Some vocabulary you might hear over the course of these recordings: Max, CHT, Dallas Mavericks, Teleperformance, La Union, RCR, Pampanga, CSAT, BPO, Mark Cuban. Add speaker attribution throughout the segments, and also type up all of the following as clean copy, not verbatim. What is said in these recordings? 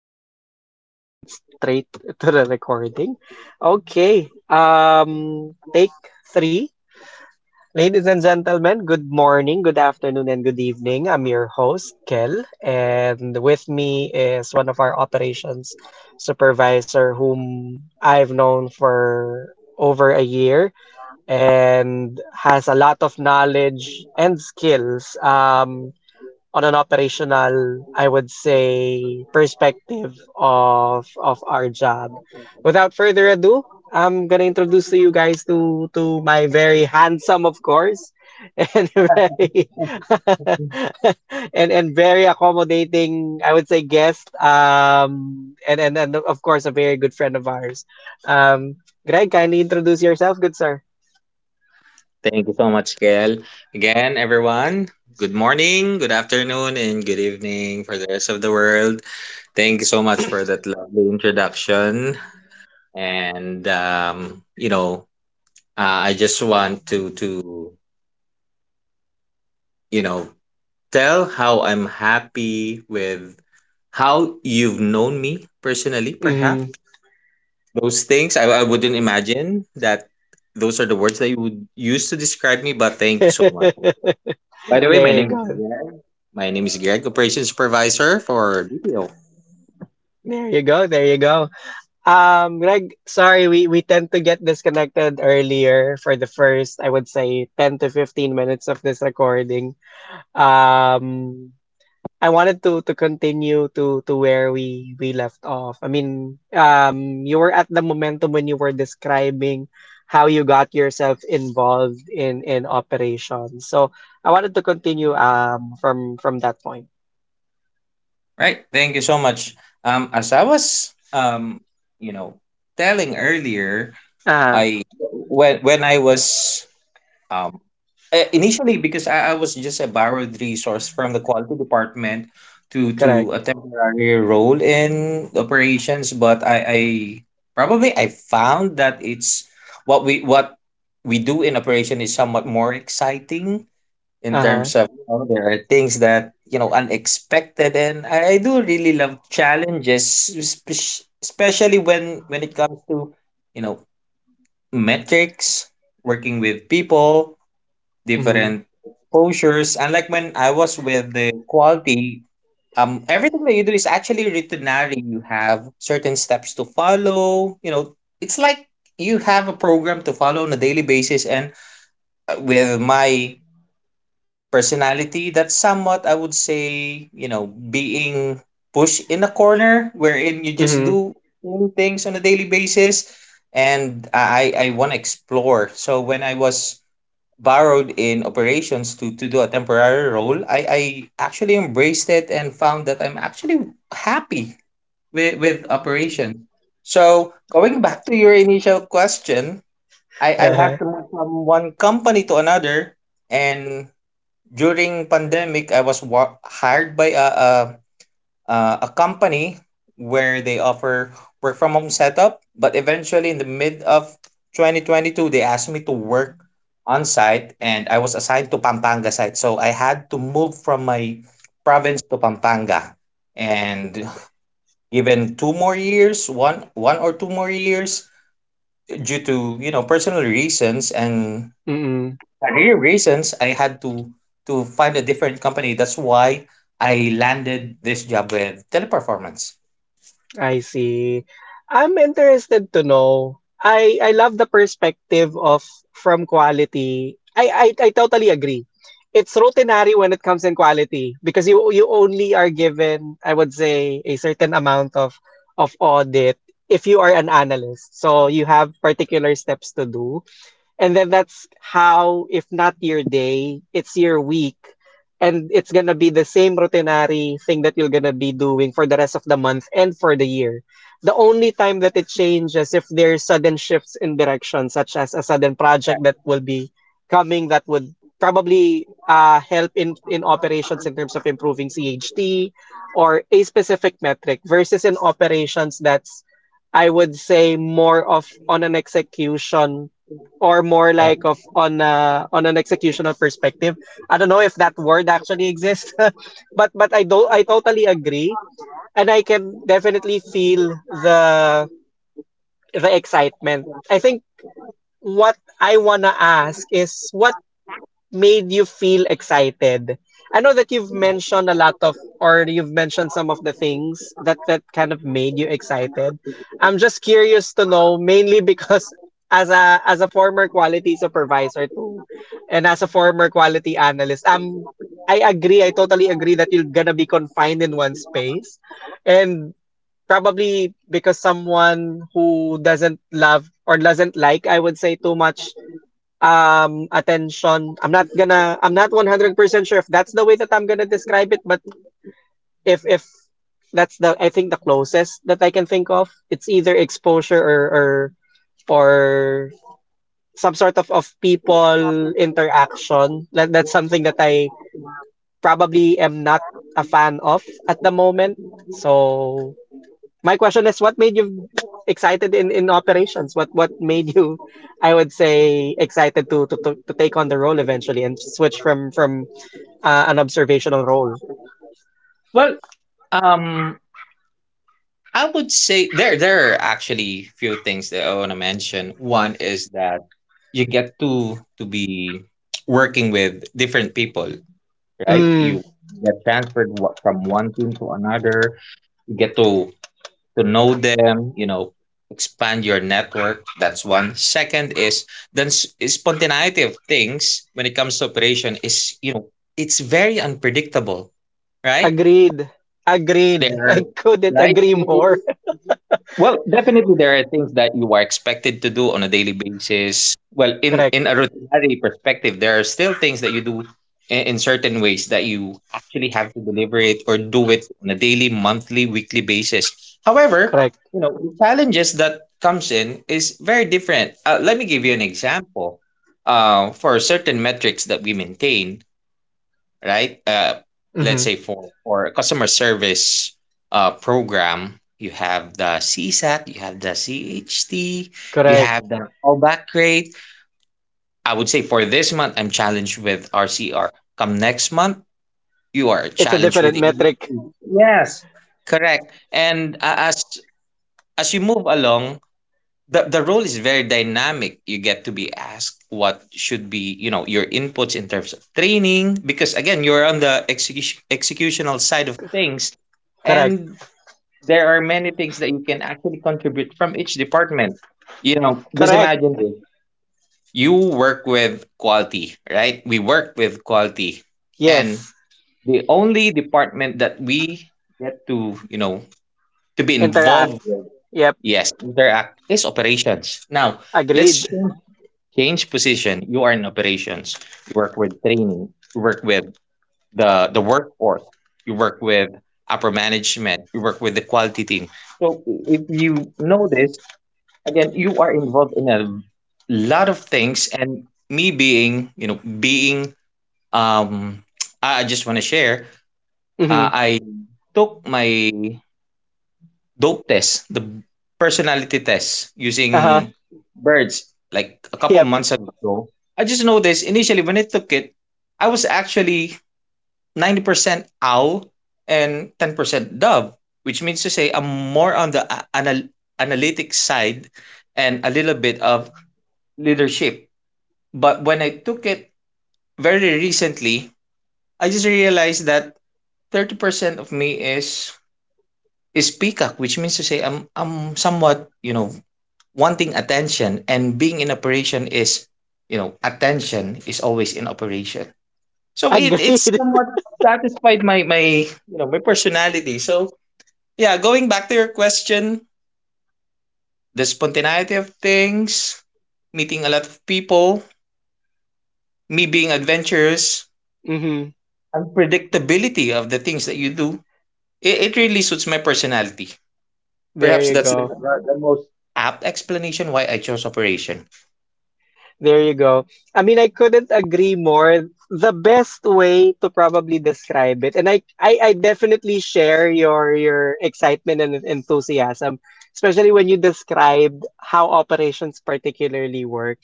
Speaker 1: countdown, so it just went straight to the recording. Okay. Take three. Ladies and gentlemen, good morning, good afternoon, and good evening. I'm your host, Kel, and with me is one of our operations supervisor whom I've known for over a year and has a lot of knowledge and skills. On an operational, I would say, perspective of our job. Without further ado, I'm gonna introduce to you guys to my very handsome, of course, and very and very accommodating, I would say, guest. And of course, a very good friend of ours. Um, Greg, kindly introduce yourself, good sir.
Speaker 2: Thank you so much, Gail. Again, everyone, good morning, good afternoon, and good evening for the rest of the world. Thank you so much for that lovely introduction. And I just want to, you know, tell how I'm happy with how you've known me personally, perhaps.
Speaker 1: Hmm.
Speaker 2: Those things I wouldn't imagine that those are the words that you would use to describe me, but thank you so much. By the way, my
Speaker 1: There you
Speaker 2: name is
Speaker 1: go.
Speaker 2: Greg. My name is Greg, Operations Supervisor for BPO.
Speaker 1: There you go. There you go. Greg, sorry, we tend to get disconnected earlier for the first, I would say, 10 to 15 minutes of this recording. Um, I wanted to continue to where we left off. I mean, you were at the momentum when you were describing how you got yourself involved in operations. So I wanted to continue from that point.
Speaker 2: Right. Thank you so much. As I was you know, telling earlier,
Speaker 1: Uh-huh.
Speaker 2: I when I was um initially, because I was just a borrowed resource from the quality department
Speaker 1: Correct.
Speaker 2: to a temporary role in operations, but I probably I found that it's what we do in operation is somewhat more exciting in
Speaker 1: Uh-huh.
Speaker 2: terms of, there are things that, you know, unexpected, and I do really love challenges, spec- especially when it comes to, you know, metrics, working with people,
Speaker 1: Mm-hmm.
Speaker 2: different exposures, unlike when I was with the quality. Everything that you do is actually writtenary. You have certain steps to follow. You know, it's like you have a program to follow on a daily basis. And with my personality, that's somewhat, I would say, you know, being pushed in a corner wherein you just
Speaker 1: Mm-hmm.
Speaker 2: do same things on a daily basis. And I want to explore. So when I was borrowed in operations to do a temporary role, I actually embraced it and found that I'm actually happy with operation. So going back to your initial question, I had
Speaker 1: Uh-huh.
Speaker 2: to move from one company to another, and during pandemic, hired by a company where they offer work from home setup, but eventually in the mid of 2022, they asked me to work on site, and I was assigned to Pampanga site. So I had to move from my province to Pampanga. And given two more years, one or two more years due to, you know, personal reasons and
Speaker 1: Mm-hmm.
Speaker 2: career reasons, I had to find a different company. That's why I landed this job with Teleperformance.
Speaker 1: I see. I'm interested to know. I love the perspective of from quality. I totally agree. It's routinary when it comes in quality because you only are given, I would say, a certain amount of audit if you are an analyst. So you have particular steps to do. And then that's how, if not your day, it's your week. And it's gonna be the same routinary thing that you're gonna be doing for the rest of the month and for the year. The only time that it changes if there's sudden shifts in direction, such as a sudden project that will be coming that would probably help in operations in terms of improving CHT or a specific metric versus in operations that's I would say more of on an execution or more like of on a, on an executional perspective. I don't know if that word actually exists, but I totally agree, and I can definitely feel the excitement. I think what I wanna ask is what made you feel excited? I know that you've mentioned a lot of, or you've mentioned some of the things that that kind of made you excited. I'm just curious to know, mainly because as a former quality supervisor too, and as a former quality analyst, I agree, I totally agree that you're gonna be confined in one space, and probably because someone who doesn't love or doesn't like, I would say, too much attention. I'm not gonna, I'm not 100% sure if that's the way that I'm gonna describe it, but if that's the, I think the closest that I can think of, it's either exposure or or some sort of people interaction that, that's something that I probably am not a fan of at the moment. So my question is, what made you excited in operations? What made you, I would say, excited to take on the role eventually and switch from an observational role?
Speaker 2: Well, um, I would say there are actually few things that I want to mention. One is that you get to be working with different people, right?
Speaker 1: Mm,
Speaker 2: You get transferred from one team to another. Get to know them, you know, expand your network. That's one. Second is spontaneity of things. When it comes to operation, is, you know, it's very unpredictable, right?
Speaker 1: agreed, agreed.
Speaker 2: there
Speaker 1: I couldn't
Speaker 2: right
Speaker 1: agree
Speaker 2: I-
Speaker 1: more.
Speaker 2: Well, definitely there are things that you are expected to do on a daily basis. Well, in
Speaker 1: Correct,
Speaker 2: a routinary perspective, there are still things that you do in certain ways that you actually have to deliver it or do it on a daily, monthly, weekly basis. However,
Speaker 1: correct,
Speaker 2: you know, the challenges that comes in is very different. Let me give you an example. For certain metrics that we maintain, right? Let's
Speaker 1: hmm,
Speaker 2: say for customer service program, you have the CSAT, you have the CHT, you
Speaker 1: correct.
Speaker 2: have the callback rate. I would say for this month, I'm challenged with RCR. Come next month, you are
Speaker 1: It's a
Speaker 2: challenged with
Speaker 1: different
Speaker 2: it.
Speaker 1: metric.
Speaker 2: Correct. And as you move along, the role is very dynamic. You get to be asked what should be, you know, your inputs in terms of training, because again, you're on the executional side of things.
Speaker 1: Correct,
Speaker 2: And there are many things that you can actually contribute from each department. You know, just
Speaker 1: correct.
Speaker 2: imagine this. You work with quality, right? We work with quality. And
Speaker 1: Yes,
Speaker 2: the only department that we get to, you know, to be
Speaker 1: interact.
Speaker 2: involved with,
Speaker 1: Yep,
Speaker 2: yes, interact is operations. Now, let's
Speaker 1: agreed.
Speaker 2: change position. You are in operations, you work with training, you work with the workforce, you work with upper management, you work with the quality team. So if you know this, again, you are involved in a lot of things. And me being, you know, being, um I just want to share,
Speaker 1: Mm-hmm.
Speaker 2: I took my dope test, the personality test
Speaker 1: Uh huh.
Speaker 2: using birds, like a couple
Speaker 1: Yep,
Speaker 2: months ago. I just noticed initially when I took it, I was actually 90% owl and 10% dove, which means to say I'm more on the analytic side and a little bit of leadership. But when I took it very recently, I just realized that 30% of me is peacock, which means to say I'm somewhat, you know, wanting attention. And being in operation is, you know, attention is always in operation. So it, it's
Speaker 1: agreed.
Speaker 2: somewhat satisfied my my personality. So yeah, going back to your question, the spontaneity of things, meeting a lot of people, me being adventurous,
Speaker 1: Mm-hmm.
Speaker 2: unpredictability of the things that you do, it really suits my personality.
Speaker 1: There
Speaker 2: Perhaps
Speaker 1: you
Speaker 2: that's
Speaker 1: go.
Speaker 2: the most apt explanation why I chose operation.
Speaker 1: There you go. I mean, I couldn't agree more. The best way to probably describe it, and I definitely share your excitement and enthusiasm, especially when you described how operations particularly work.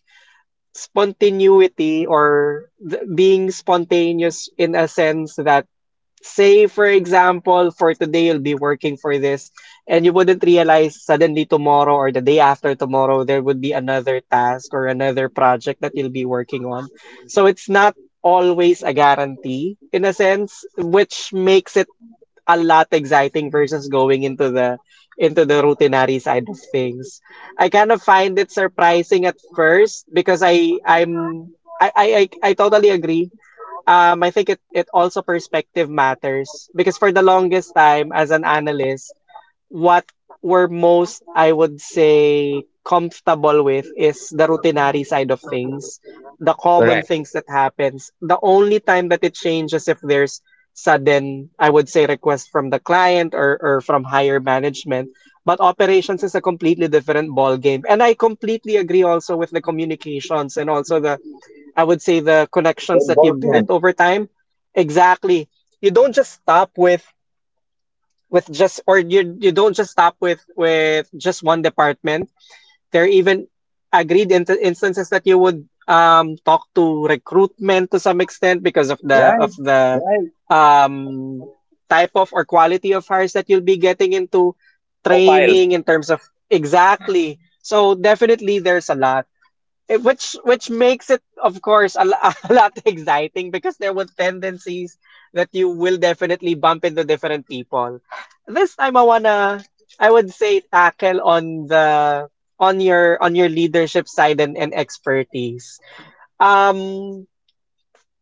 Speaker 1: Spontaneity or being spontaneous in a sense that say for example for today you'll be working for this and you wouldn't realize suddenly tomorrow or the day after tomorrow there would be another task or another project that you'll be working on, so it's not always a guarantee in a sense, which makes it a lot exciting versus going into the routinary side of things. I kind of find it surprising at first because I I'm I I I totally agree. I think it, it also perspective matters because for the longest time as an analyst, what we're most, I would say, comfortable with is the routinary side of things, the common
Speaker 2: Correct.
Speaker 1: things that happens. The only time that it changes if there's sudden, I would say, request from the client or from higher management. But operations is a completely different ball game. And I completely agree also with the communications and also the I would say the connections that you built
Speaker 2: Involvement.
Speaker 1: over time. Exactly. You don't just stop with just, or you don't just stop with just one department. There are even agreed in instances that you would talk to recruitment to some extent because
Speaker 2: Right,
Speaker 1: of the
Speaker 2: right.
Speaker 1: um type of or quality of hires that you'll be getting into
Speaker 2: Profile.
Speaker 1: training in terms of exactly. So definitely there's a lot. Eh, which makes it, of course, a lot exciting because there were tendencies that you will definitely bump into different people. This time I wanna, I would say, tackle on the on your leadership side and expertise. Um,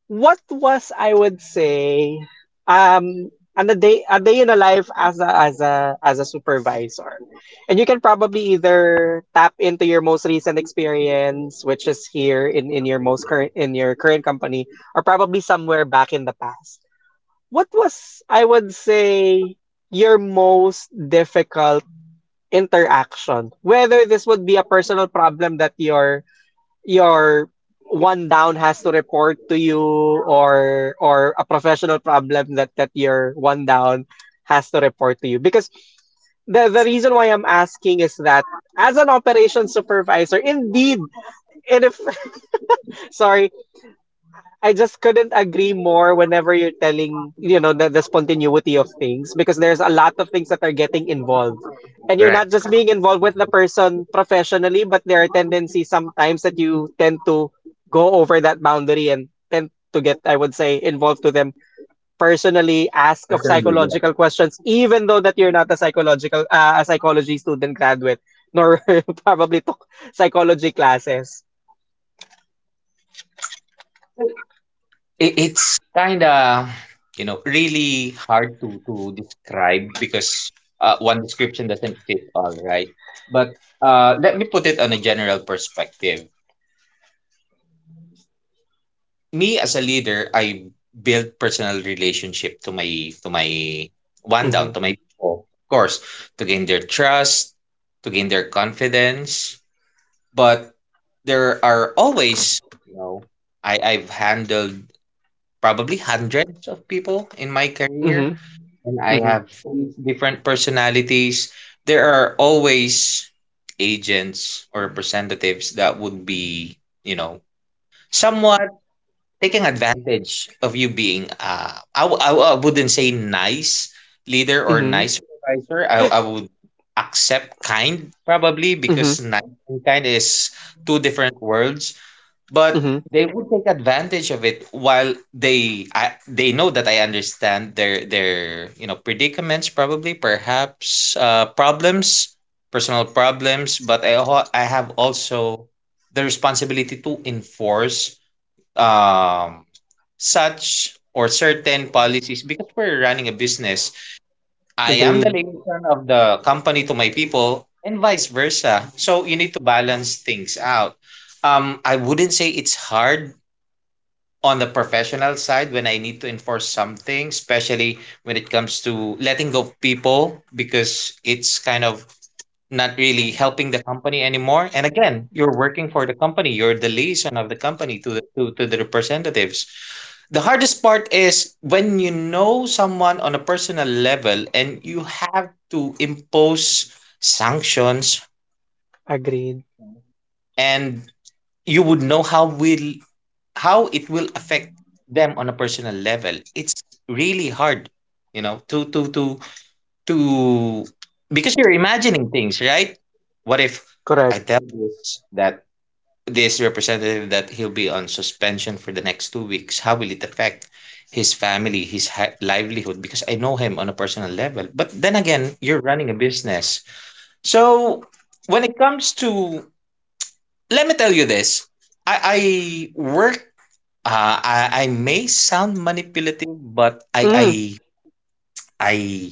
Speaker 1: what was I would say um and a day in a life as a as a supervisor. And you can probably either tap into your most recent experience, which is here in your most current in your current company, or probably somewhere back in the past. What was I would say your most difficult interaction? Whether this would be a personal problem that you're your one down has to report to you, or a professional problem that that your one down has to report to you, because the reason why I'm asking is that as an operations supervisor indeed, and if sorry, I just couldn't agree more whenever you're telling, you know, the spontaneity of things because there's a lot of things that are getting involved. And you're
Speaker 2: Right.
Speaker 1: not just being involved with the person professionally, but there are tendencies sometimes that you tend to go over that boundary and tend to get, I would say, involved to them personally, ask of
Speaker 2: Certainly, yes.
Speaker 1: psychological questions, even though that you're not a psychological, a psychology student graduate, nor probably took psychology classes.
Speaker 2: It's kind of, you know, really hard to describe, because one description doesn't fit all, right? But let me put it on a general perspective. Me as a leader, I build personal relationship to my one
Speaker 1: Mm-hmm.
Speaker 2: down, to my people, of course, to gain their trust, to gain their confidence. But there are always, you know, I I've handled probably hundreds of people in my career,
Speaker 1: Mm-hmm.
Speaker 2: and I
Speaker 1: Mm-hmm.
Speaker 2: have different personalities. There are always agents or representatives that would be, you know, somewhat taking advantage of you, being I wouldn't say nice leader or
Speaker 1: Mm-hmm.
Speaker 2: nice supervisor. I would accept kind, probably
Speaker 1: Mm-hmm.
Speaker 2: because nice and kind is two different worlds. But they would take advantage of it while they know that I understand their you know, predicaments, probably, perhaps, problems, personal problems. But I have also the responsibility to enforce um such or certain policies, because we're running a business. I am the
Speaker 1: Agreed.
Speaker 2: liaison of the company to my people and vice versa, so you need to balance things out. I wouldn't say it's hard on the professional side when I need to enforce something, especially when it comes to letting go of people, because it's kind of not really helping the company anymore. And again, you're working for the company, you're the liaison of the company to the to the representatives. The hardest part is when you know someone on a personal level and you have to impose sanctions.
Speaker 1: Agreed.
Speaker 2: And you would know how it will affect them on a personal level. It's really hard, you know, to because you're imagining things, right? What if I
Speaker 1: Correct.
Speaker 2: tell this that this representative that he'll be on suspension for the next 2 weeks, how will it affect his family, livelihood, because I know him on a personal level? But then again, you're running a business. So when it comes to, let me tell you this, i i work I may sound manipulative, but
Speaker 1: Mm,
Speaker 2: I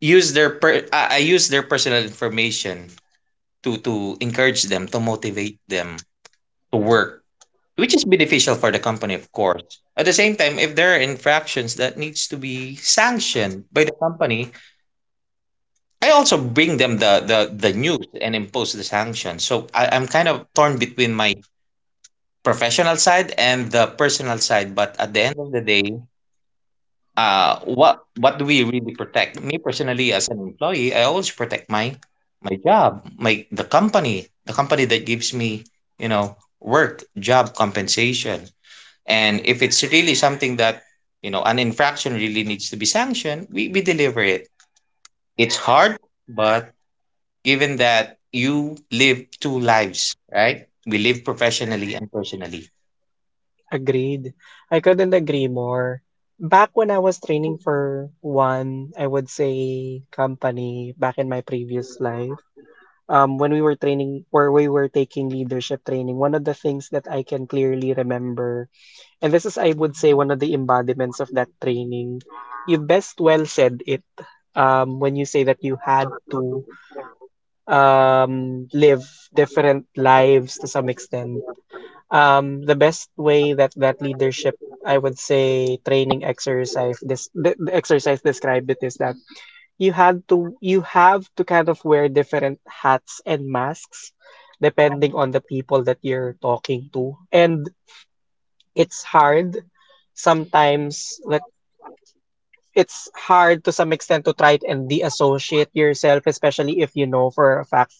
Speaker 2: I use their personal information to encourage them, to motivate them to work, which is beneficial for the company, of course. At the same time, if there are infractions that needs to be sanctioned by the company, I also bring them the news and impose the sanction. So I'm kind of torn between my professional side and the personal side. But at the end of the day, what do we really protect? Me personally, as an employee, I always protect my my job my the company, the company that gives me, you know, work, job, compensation. And if it's really something that, you know, an infraction really needs to be sanctioned, we deliver it. It's hard, but given that you live two lives, right? We live professionally and personally.
Speaker 1: agreed. I couldn't agree more. Back when I was training for one, I would say company back in my previous life. When we were training or we were taking leadership training, one of the things that I can clearly remember, and this is I would say one of the embodiments of that training, you best well said it when you say that you had to live different lives to some extent. The best way that that leadership, I would say, training exercise this the exercise described it is that you had to you have to kind of wear different hats and masks depending on the people that you're talking to, and it's hard sometimes. It's hard to some extent to try and de-associate yourself, especially if you know for a fact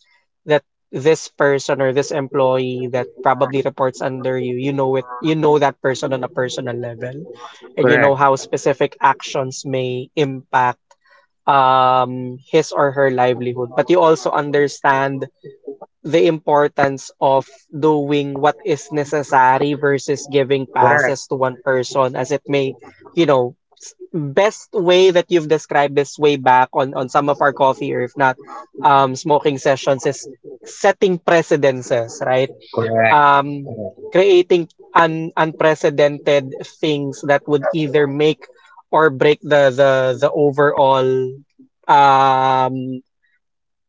Speaker 1: that this person or this employee that probably reports under you, you know it, you know that person on a personal level, and you know
Speaker 2: Correct.
Speaker 1: how specific actions may impact his or her livelihood. But you also understand the importance of doing what is necessary versus giving passes to
Speaker 2: Correct.
Speaker 1: one person as it may you know best way that you've described this way back on some of our coffee or if not smoking sessions is setting precedences, right?
Speaker 2: Correct.
Speaker 1: um Creating unprecedented things that would either make or break the overall um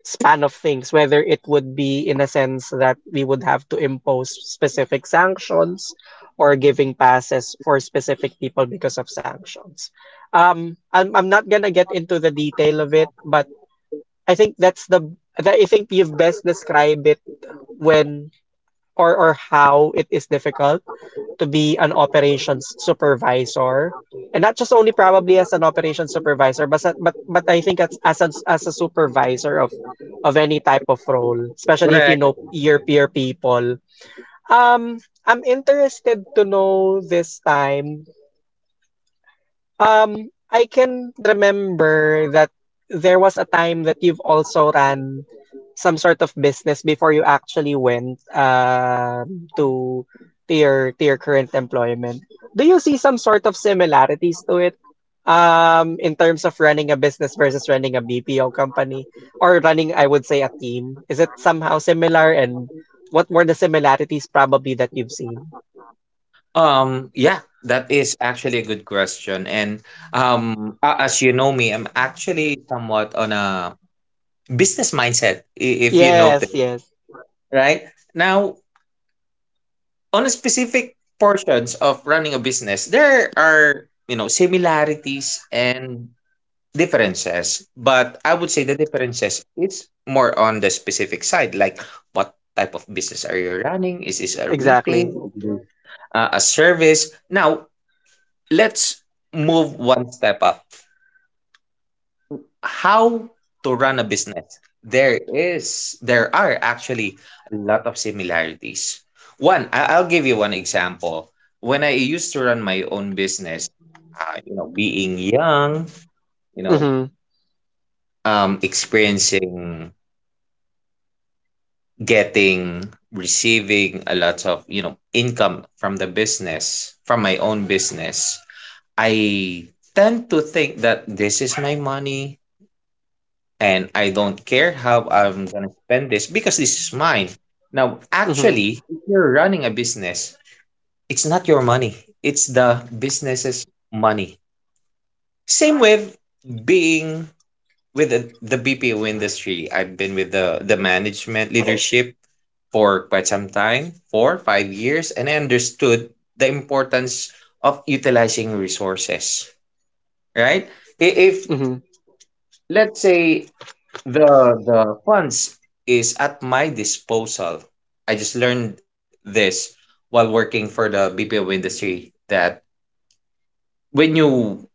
Speaker 1: span of things, whether it would be in a sense that we would have to impose specific sanctions or giving passes for specific people because of sanctions. I'm not gonna get into the detail of it, but I think that's the, I think you've best described it when or how it is difficult to be an operations supervisor. And not just only probably as an operations supervisor, but I think as a supervisor of any type of role, especially if you
Speaker 2: Correct.
Speaker 1: know your peer people. Um, I'm interested to know this time. I can remember that there was a time that you've also ran some sort of business before you actually went to your current employment. Do you see some sort of similarities to it? In terms of running a business versus running a BPO company or running, I would say, a team. Is it somehow similar and what were the similarities probably that you've seen?
Speaker 2: Yeah, that is actually a good question. And as you know me, I'm actually somewhat on a business mindset, if you
Speaker 1: Yes,
Speaker 2: notice,
Speaker 1: yes,
Speaker 2: right? Now, on a specific portions of running a business, there are, you know, similarities and differences, but I would say the differences is more on the specific side, like what type of business are you running? Is this a
Speaker 1: exactly.
Speaker 2: retail? Is this, a service? Now, let's move one step up. How to run a business, there are actually a lot of similarities. I'll give you one example. When I used to run my own business, you know, being young, you know
Speaker 1: Mm-hmm.
Speaker 2: experiencing, getting receiving a lot of income from my own business. I tend to think that this is my money, and I don't care how I'm gonna spend this because this is mine. Now,
Speaker 1: Mm-hmm.
Speaker 2: actually, if you're running a business, it's not your money, it's the business's money. Same with being with the BPO industry. I've been with the management leadership for quite some time, 4, 5 years, and I understood the importance of utilizing resources, right? If, let's say, The the funds is at my disposal. I just learned this while working for the BPO industry that when you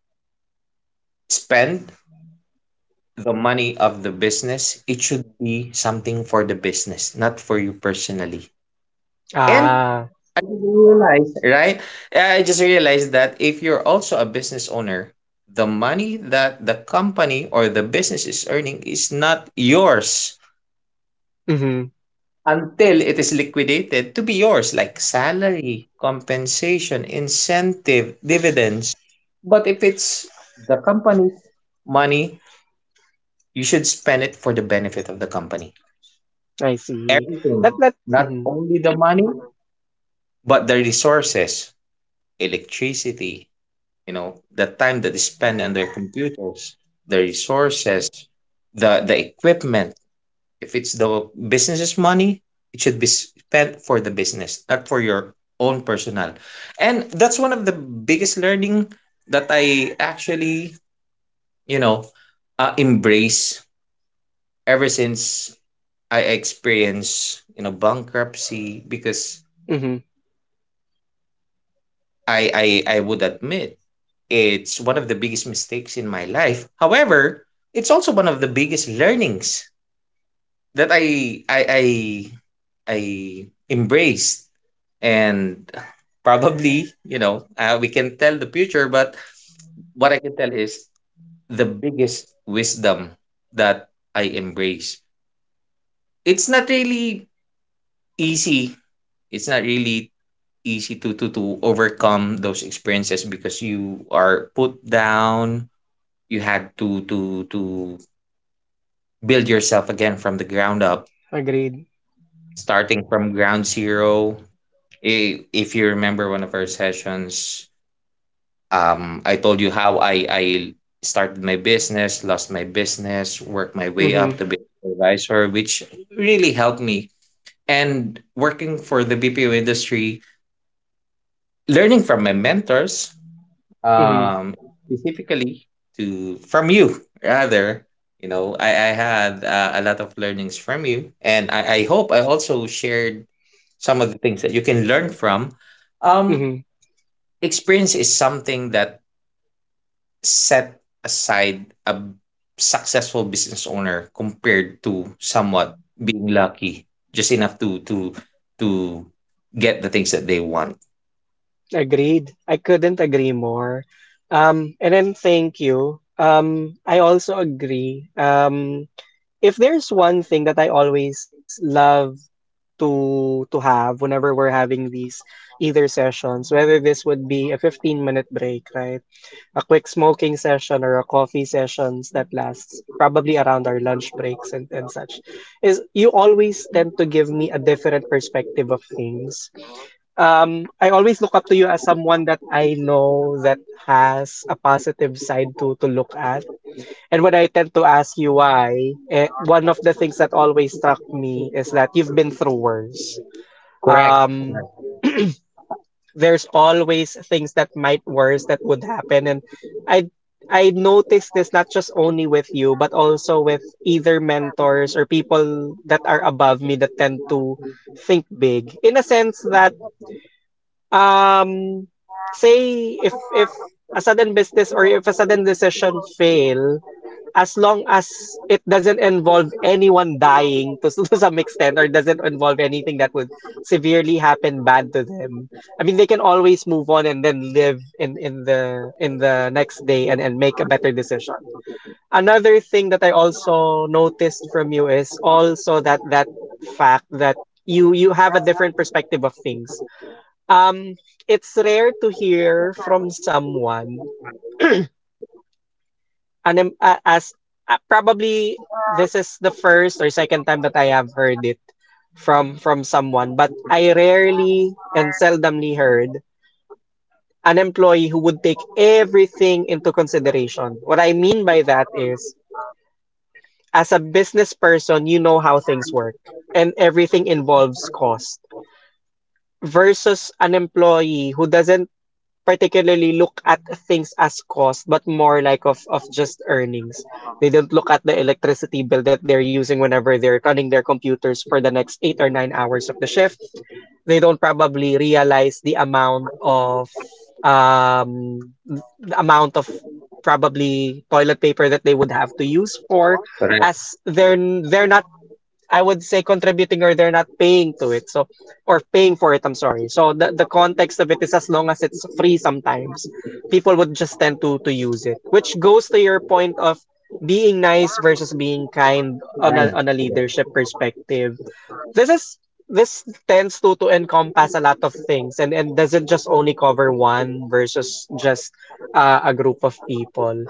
Speaker 2: spend the money of the business, it should be something for the business, not for you personally. And
Speaker 1: Ah,
Speaker 2: I just realized, right? I just realized that if you're also a business owner, the money that the company or the business is earning is not yours
Speaker 1: mm-hmm.
Speaker 2: until it is liquidated to be yours, like salary, compensation, incentive, dividends. But if it's the company's money, you should spend it for the benefit of the company.
Speaker 1: I see. That
Speaker 2: Everything,
Speaker 1: that
Speaker 2: not
Speaker 1: Mm-hmm.
Speaker 2: only the money, but the resources, electricity, you know, the time that they spend on their computers, the resources, the equipment. If it's the business's money, it should be spent for the business, not for your own personal. And that's one of the biggest learning that I actually, you know, embrace ever since I experienced, bankruptcy, because
Speaker 1: Mm-hmm.
Speaker 2: I would admit it's one of the biggest mistakes in my life. However, it's also one of the biggest learnings that I embraced, and probably we can tell the future, but what I can tell is the biggest wisdom that I embrace. It's not really easy. It's not really easy to overcome those experiences, because you are put down. You had to build yourself again from the ground up,
Speaker 1: Agreed.
Speaker 2: starting from ground zero. If you remember one of our sessions, I told you how I started my business, lost my business, worked my way up
Speaker 1: Mm-hmm.
Speaker 2: to be a supervisor, which really helped me. And working for the BPO industry, learning from my mentors,
Speaker 1: Mm-hmm.
Speaker 2: um, specifically to from you rather. You know, I had a lot of learnings from you, and I hope I also shared some of the things that you can learn from. Um,
Speaker 1: Mm-hmm.
Speaker 2: Experience is something that set aside a successful business owner compared to somewhat being lucky, just enough to to get the things that they want.
Speaker 1: Agreed. I couldn't agree more. And then thank you. I also agree. If there's one thing that I always love to have whenever we're having these either sessions, whether this would be a 15-minute break, right? A quick smoking session or a coffee sessions that lasts probably around our lunch breaks and such is you always tend to give me a different perspective of things. I always look up to you as someone that I know that has a positive side to look at. And when I tend to ask you why, one of the things that always struck me is that you've been through worse.
Speaker 2: Correct.
Speaker 1: um
Speaker 2: Correct.
Speaker 1: there's always things that might worse that would happen. And i I noticed this not just only with you, but also with either mentors or people that are above me that tend to think big in a sense that, um say, if a sudden business or if a sudden decision fail, as long as it doesn't involve anyone dying to, to some extent, or doesn't involve anything that would severely happen bad to them. I mean, they can always move on and then live in the next day and make a better decision. Another thing that I also noticed from you is also that fact that you have a different perspective of things. Um, it's rare to hear from someone, and as, probably this is the first or second time that I have heard it from someone, but I rarely and seldomly heard an employee who would take everything into consideration. What I mean by that is, as a business person, you know how things work, and everything involves cost versus an employee who doesn't particularly look at things as cost, but more like of just earnings. They don't look at the electricity bill that they're using whenever they're running their computers for the next 8 or 9 hours of the shift. They don't probably realize the amount of, um the amount of probably toilet paper that they would have to use for,
Speaker 2: Correct.
Speaker 1: as they're not, I would say, contributing, or they're not paying to it. So, or paying for it, I'm sorry. So the context of it is, as long as it's free sometimes, people would just tend to use it, which goes to your point of being nice versus being kind on
Speaker 2: Right.
Speaker 1: a
Speaker 2: Yes.
Speaker 1: leadership perspective. This is this tends to encompass a lot of things, and doesn't just only cover one versus just a group of people.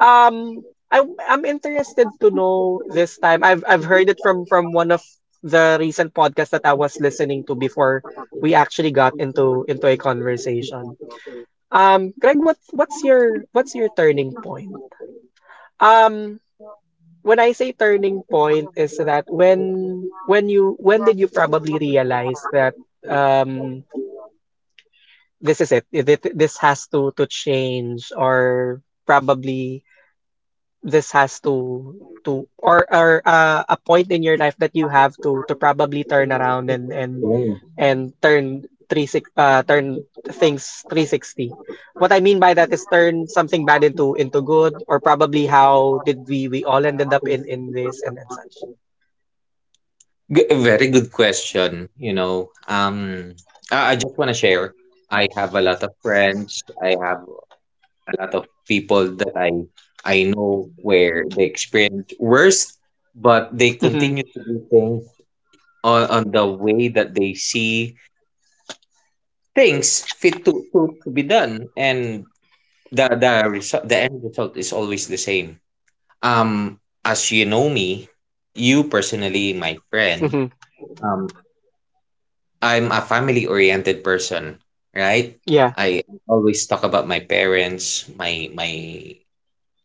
Speaker 1: Um, I'm interested to know this time. I've heard it from one of the recent podcasts that I was listening to before we actually got into a conversation. Greg, what's your turning point? Um, when I say turning point is that when did you probably realize that um this is it. This has to change, or probably this has to, or a point in your life that you have to probably turn around, and and
Speaker 2: Same.
Speaker 1: and turn three six turn things 360. What I mean by that is turn something bad into good, or probably how did we all ended up in this and such.
Speaker 2: A very good question. You know, I just want to share. I have a lot of friends. I have a lot of people that I know where they experience worst, but they
Speaker 1: Mm-hmm.
Speaker 2: continue to do things on the way that they see things fit to be done, and the end result is always the same. Um, as you know me, you personally, my friend,
Speaker 1: Mm-hmm.
Speaker 2: um, I'm a family oriented person, right?
Speaker 1: Yeah.
Speaker 2: I always talk about my parents, my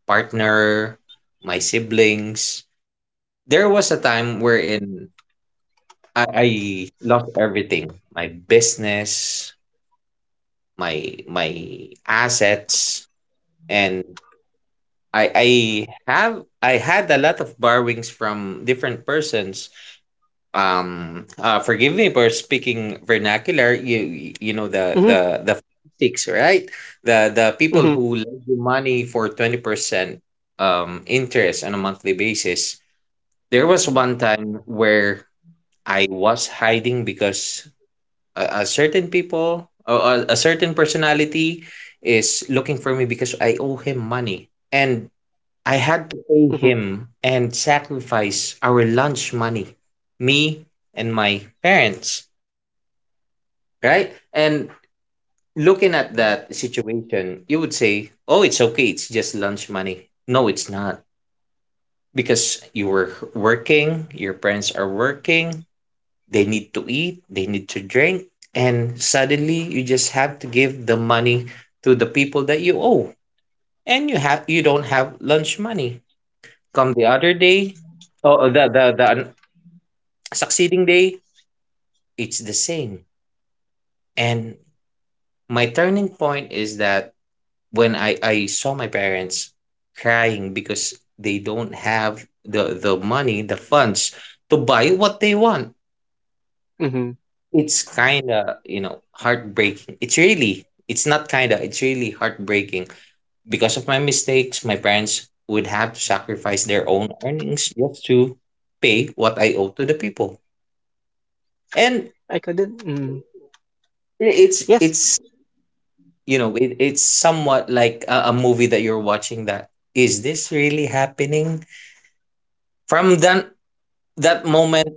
Speaker 2: partner, my siblings. There was a time wherein I lost everything. My business, my assets, and I I I had a lot of borrowings from different persons. Forgive me for speaking vernacular. You know
Speaker 1: Mm-hmm.
Speaker 2: the sticks, right? The
Speaker 1: Mm-hmm.
Speaker 2: people who lend you money for 20% interest on a monthly basis. There was one time where I was hiding because a certain people, a certain personality is looking for me because I owe him money. And
Speaker 1: Mm-hmm.
Speaker 2: I had to pay him and sacrifice our lunch money, me and my parents, right? And looking at that situation, you would say, oh, it's okay, it's just lunch money. No, it's not, because you were working, your parents are working, they need to eat, they need to drink, and suddenly you just have to give the money to the people that you owe, and you don't have lunch money. Come the other day, or the succeeding day, it's the same. And my turning point is that when I saw my parents crying because they don't have the money, the funds to buy what they want.
Speaker 1: Mm-hmm.
Speaker 2: It's kind of, you know, heartbreaking. It's really, it's not kind of, it's really heartbreaking. Because of my mistakes, my parents would have to sacrifice their own earnings just to pay what I owe to the people. And
Speaker 1: I couldn't. Mm. Yes.
Speaker 2: it's you know, it's somewhat like a movie that you're watching. That, is this really happening? From that moment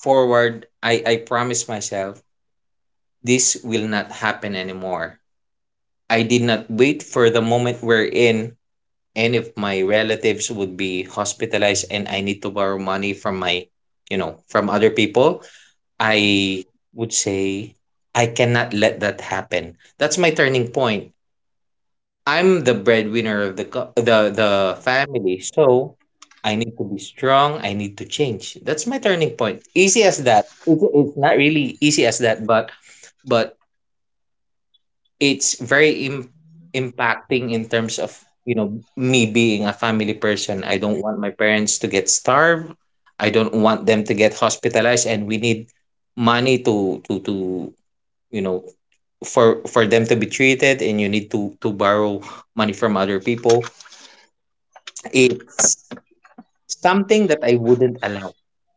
Speaker 2: forward, I promised myself this will not happen anymore. I did not wait for the moment wherein, and if my relatives would be hospitalized and I need to borrow money from from other people, I would say I cannot let that happen. That's my turning point. I'm the breadwinner of the co- the family, so I need to be strong. I need to change. That's my turning point. Easy as that. It's not really easy as that, but but it's very impacting in terms of me being a family person. I don't want my parents to get starved. I don't want them to get hospitalized and we need money to you know for them to be treated, and you need to borrow money from other people. It's something that I wouldn't allow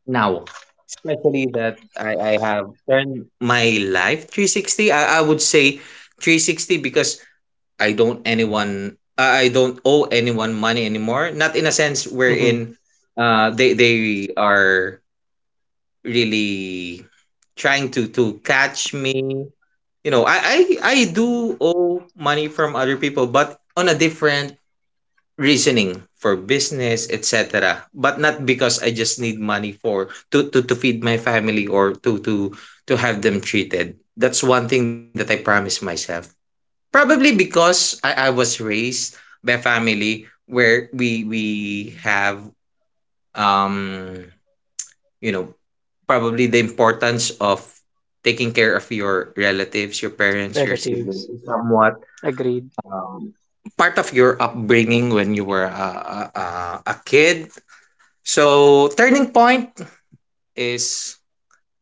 Speaker 2: now, especially that I have turned my life 360. I would say 360 because I don't owe anyone money anymore. Not in a sense
Speaker 1: Mm-hmm.
Speaker 2: wherein they are really trying to catch me. You know, I do owe money from other people, but on a different reasoning for business, etc. But not because I just need money for to feed my family or to have them treated. That's one thing that I promise myself. Probably because I was raised by a family where we have um you know probably the importance of taking care of your relatives, your parents, your siblings
Speaker 1: Relatives.
Speaker 2: is somewhat
Speaker 1: Agreed.
Speaker 2: um, part of your upbringing when you were a, a a kid. So turning point is,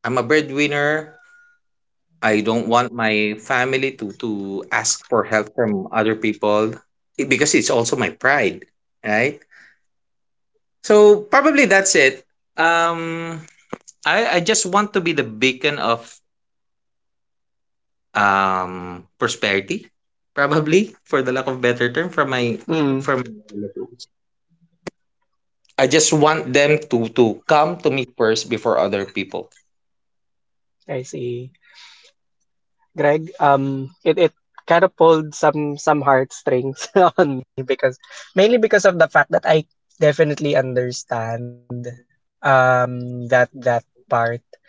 Speaker 2: I'm a breadwinner. I don't want my family to ask for help from other people, because it's also my pride, right? So probably that's it. Um, I just want to be the beacon of prosperity, probably for the lack of better term,
Speaker 1: Mm.
Speaker 2: from my relatives. I just want them to come to me first before other people.
Speaker 1: I see. Greg, it kind of pulled some heartstrings on me, because mainly because of the fact that I definitely understand that part,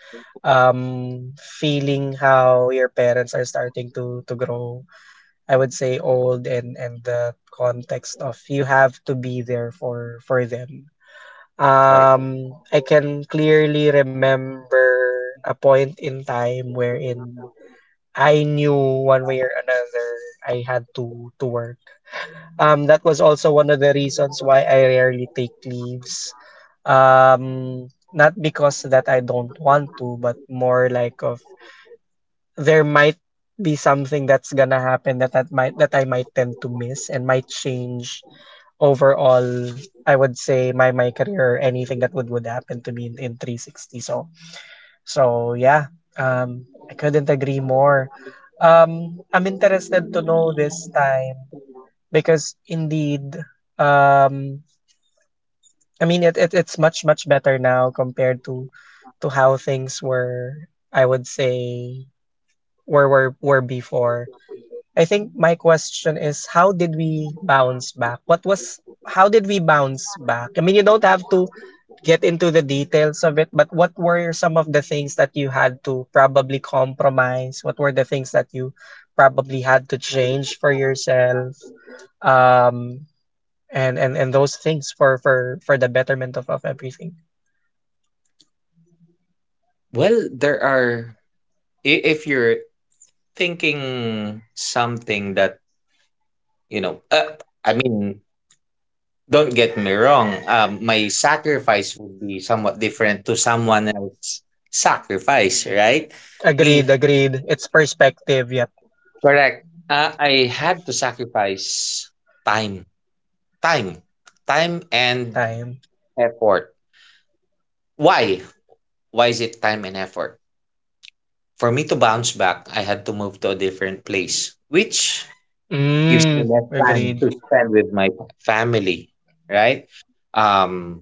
Speaker 1: feeling how your parents are starting to grow, I would say, old, and the context of you have to be there for them.
Speaker 2: Right.
Speaker 1: I can clearly remember a point in time wherein I knew one way or another I had to work. That was also one of the reasons why I rarely take leaves. Not because that I don't want to, but more like of there might be something that's gonna happen that I might tend to miss and might change overall. I would say my career or anything that would happen to me in 360. So yeah, I couldn't agree more. I'm interested to know this time, because indeed, um, I mean, it's much better now compared to how things were. I would say were before. I think my question is, how did we bounce back? What was How did we bounce back? I mean, you don't have to get into the details of it, but what were some of the things that you had to probably compromise? What were the things that you probably had to change for yourself? Um, and those things for the betterment of everything.
Speaker 2: Well, if you're thinking something that you know, I mean, don't get me wrong. My sacrifice would be somewhat different to someone else's sacrifice, right? Me,
Speaker 1: Agreed, agreed. It's perspective, yep,
Speaker 2: correct. I had to sacrifice time, time, time and
Speaker 1: time.
Speaker 2: effort. Why? Why is it time and effort? For me to bounce back, I had to move to a different place, which gives
Speaker 1: Mm,
Speaker 2: me less time
Speaker 1: agreed.
Speaker 2: to spend with my family, right? Um,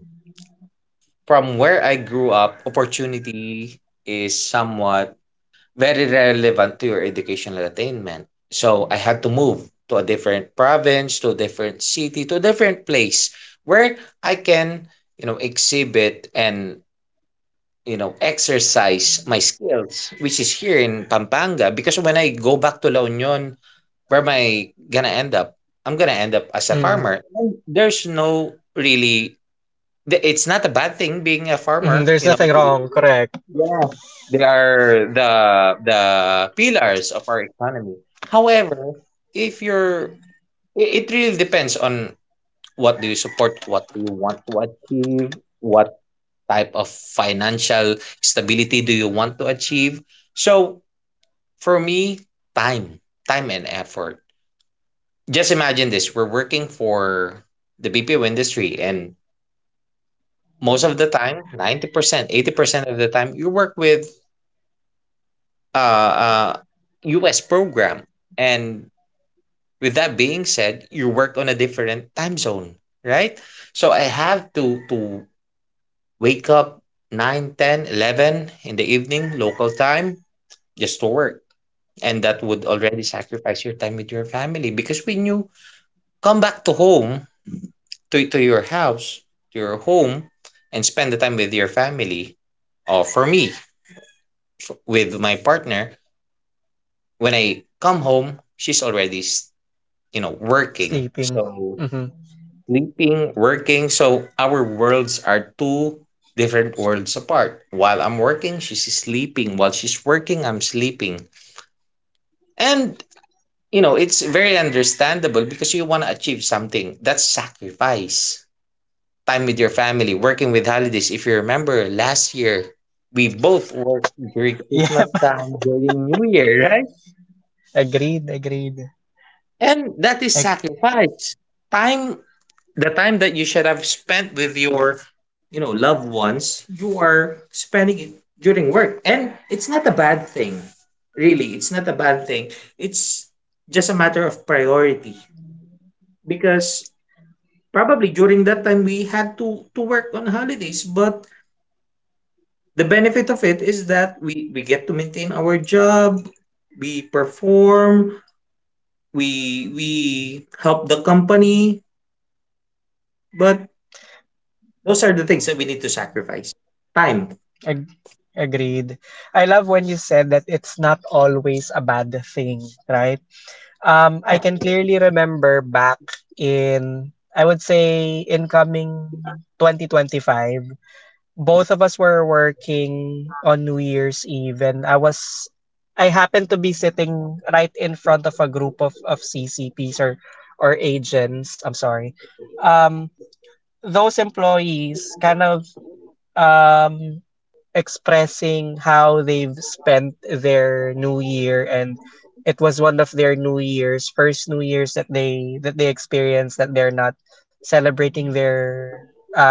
Speaker 2: from where I grew up, opportunity is somewhat very relevant to your educational attainment. So I had to move to a different province, to a different city, to a different place where I can, exhibit, and exercise my skills, which is here in Pampanga. Because when I go back to La Union, where am I gonna end up? I'm gonna end up as a
Speaker 1: Mm,
Speaker 2: farmer. And there's no really, it's not a bad thing being a
Speaker 1: mhm,
Speaker 2: farmer,
Speaker 1: there's
Speaker 2: you know.
Speaker 1: nothing wrong, correct.
Speaker 2: Yeah, they are the pillars of our economy. However, if you're it really depends on what do you support, what do you want to achieve, what type of financial stability do you want to achieve. So for me, time, time and effort. Just imagine this, we're working for the BPO industry, and most of the time, 90%, 80% of the time, you work with uh, uh, US program. And with that being said, you work on a different time zone, right? So I have to wake up 9, 10, 11 in the evening, local time, just to work. And that would already sacrifice your time with your family, because when you come back to home, to your house, to your home, and spend the time with your family, or for me, with my partner, when I come home, she's already, you know, working.
Speaker 1: Sleeping.
Speaker 2: So,
Speaker 1: Mhm.
Speaker 2: sleeping, working. So our worlds are two different worlds apart. While I'm working, she's sleeping. While she's working, I'm sleeping. And, it's very understandable, because you want to achieve something. That's sacrifice. Time with your family, working with holidays. If you remember last year, we both worked during
Speaker 1: Yep,
Speaker 2: Christmas time, during New Year, right?
Speaker 1: agreed, agreed.
Speaker 2: And that is
Speaker 1: Ag
Speaker 2: sacrifice. Time the time that you should have spent with your loved ones, you are spending it during work. And it's not a bad thing. Really, it's not a bad thing. It's just a matter of priority. Because probably during that time we had to work on holidays, but the benefit of it is that we get to maintain our job, we perform, we help the company, but those are the things that we need to sacrifice. Time.
Speaker 1: ag Agreed. I love when you said that it's not always a bad thing, right? I can
Speaker 2: Correct.
Speaker 1: clearly remember back in, I would say, incoming 2025. Both of us were working on New Year's Eve, and I happened to be sitting right in front of a group of CCPs or agents, I'm sorry. Um those employees kind of um expressing how they've spent their new year, and it was one of their new year's first new year's that they experienced, that they're not celebrating their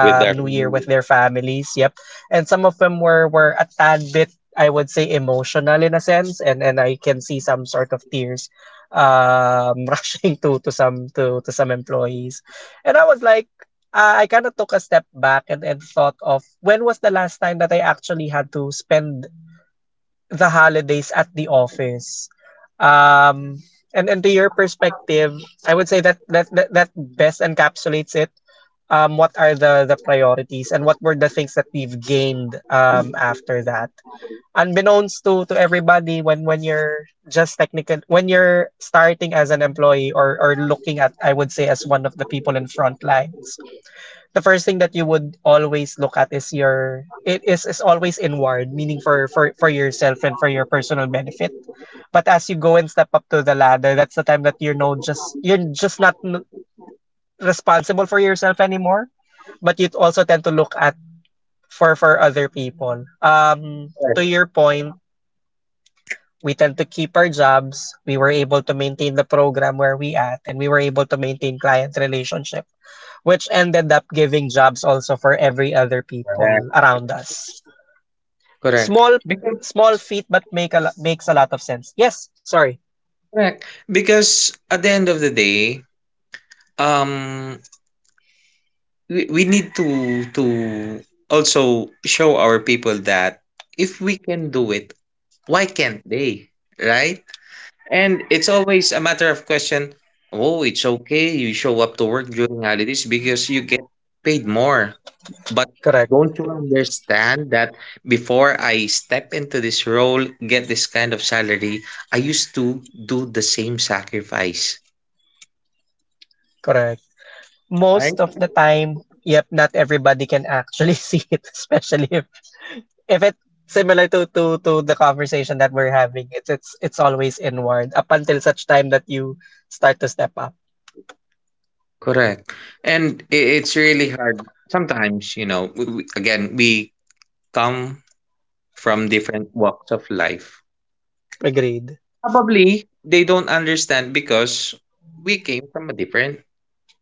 Speaker 2: With our
Speaker 1: new year with their families. Yep. And some of them were a tad bit, I would say, emotional in a sense, and I can see some sort of tears, rushing to some employees. And I was like, I kind of took a step back and, thought of when was the last time that I actually had to spend the holidays at the office. Um, and to your perspective, I would say that that best encapsulates it. What are the priorities, and what were the things that we've gained, after that? Unbeknownst to everybody, when you're just technical, when you're starting as an employee, or looking at, I would say, as one of the people in front lines, the first thing that you would always look at is your it is always inward, meaning for yourself and for your personal benefit. But as you go and step up to the ladder, that's the time that you're just not responsible for yourself anymore, but you also tend to look at for other people. To your point, we tend to keep our jobs, we were able to maintain the program where we at, and we were able to maintain client relationship, which ended up giving jobs also for every other
Speaker 2: correct.
Speaker 1: people around us.
Speaker 2: Correct.
Speaker 1: Small small feat, but makes a lot of sense. Yes, sorry.
Speaker 2: Correct. Because at the end of the day, um, we need to also show our people that if we can do it, why can't they? Right? And it's always a matter of question. Oh, it's okay. You show up to work during holidays because you get paid more. But
Speaker 1: Correct.
Speaker 2: don't you understand that before I step into this role, get this kind of salary, I used to do the same sacrifice,
Speaker 1: Correct.
Speaker 2: right?
Speaker 1: Most of the time, yep, not everybody can actually see it, especially if it similar to the conversation that we're having. It's always inward up until such time that you start to step up.
Speaker 2: Correct. And it's really hard. Sometimes, we, again, we come from different walks of life,
Speaker 1: Agreed.
Speaker 2: probably they don't understand because we came from a different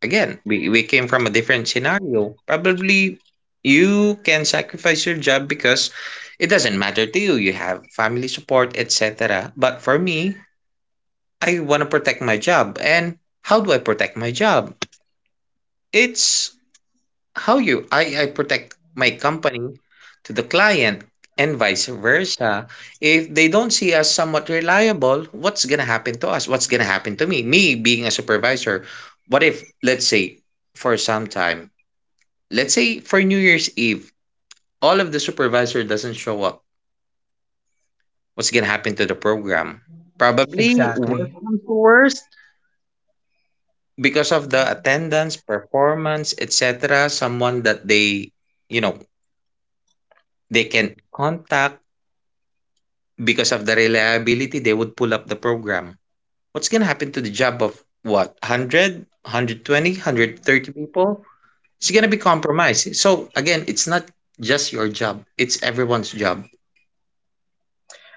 Speaker 2: again, we came from a different scenario. Probably you can sacrifice your job because it doesn't matter to you. You have family support, etc. But for me, I want to protect my job. And how do I protect my job? It's how you I protect my company to the client and vice versa. If they don't see us somewhat reliable, what's gonna happen to us? What's gonna happen to me? Me being a supervisor, what if let's say for some time, let's say for New Year's Eve, all of the supervisor doesn't show up. What's gonna happen to the program? Probably worse
Speaker 1: Exactly.
Speaker 2: comes to worst because of the attendance, performance, etc. Someone that they you know they can contact. Because of the reliability, they would pull up the program. What's gonna happen to the job of what 100, people? It's gonna be compromised. So again, it's not just your job; it's everyone's job.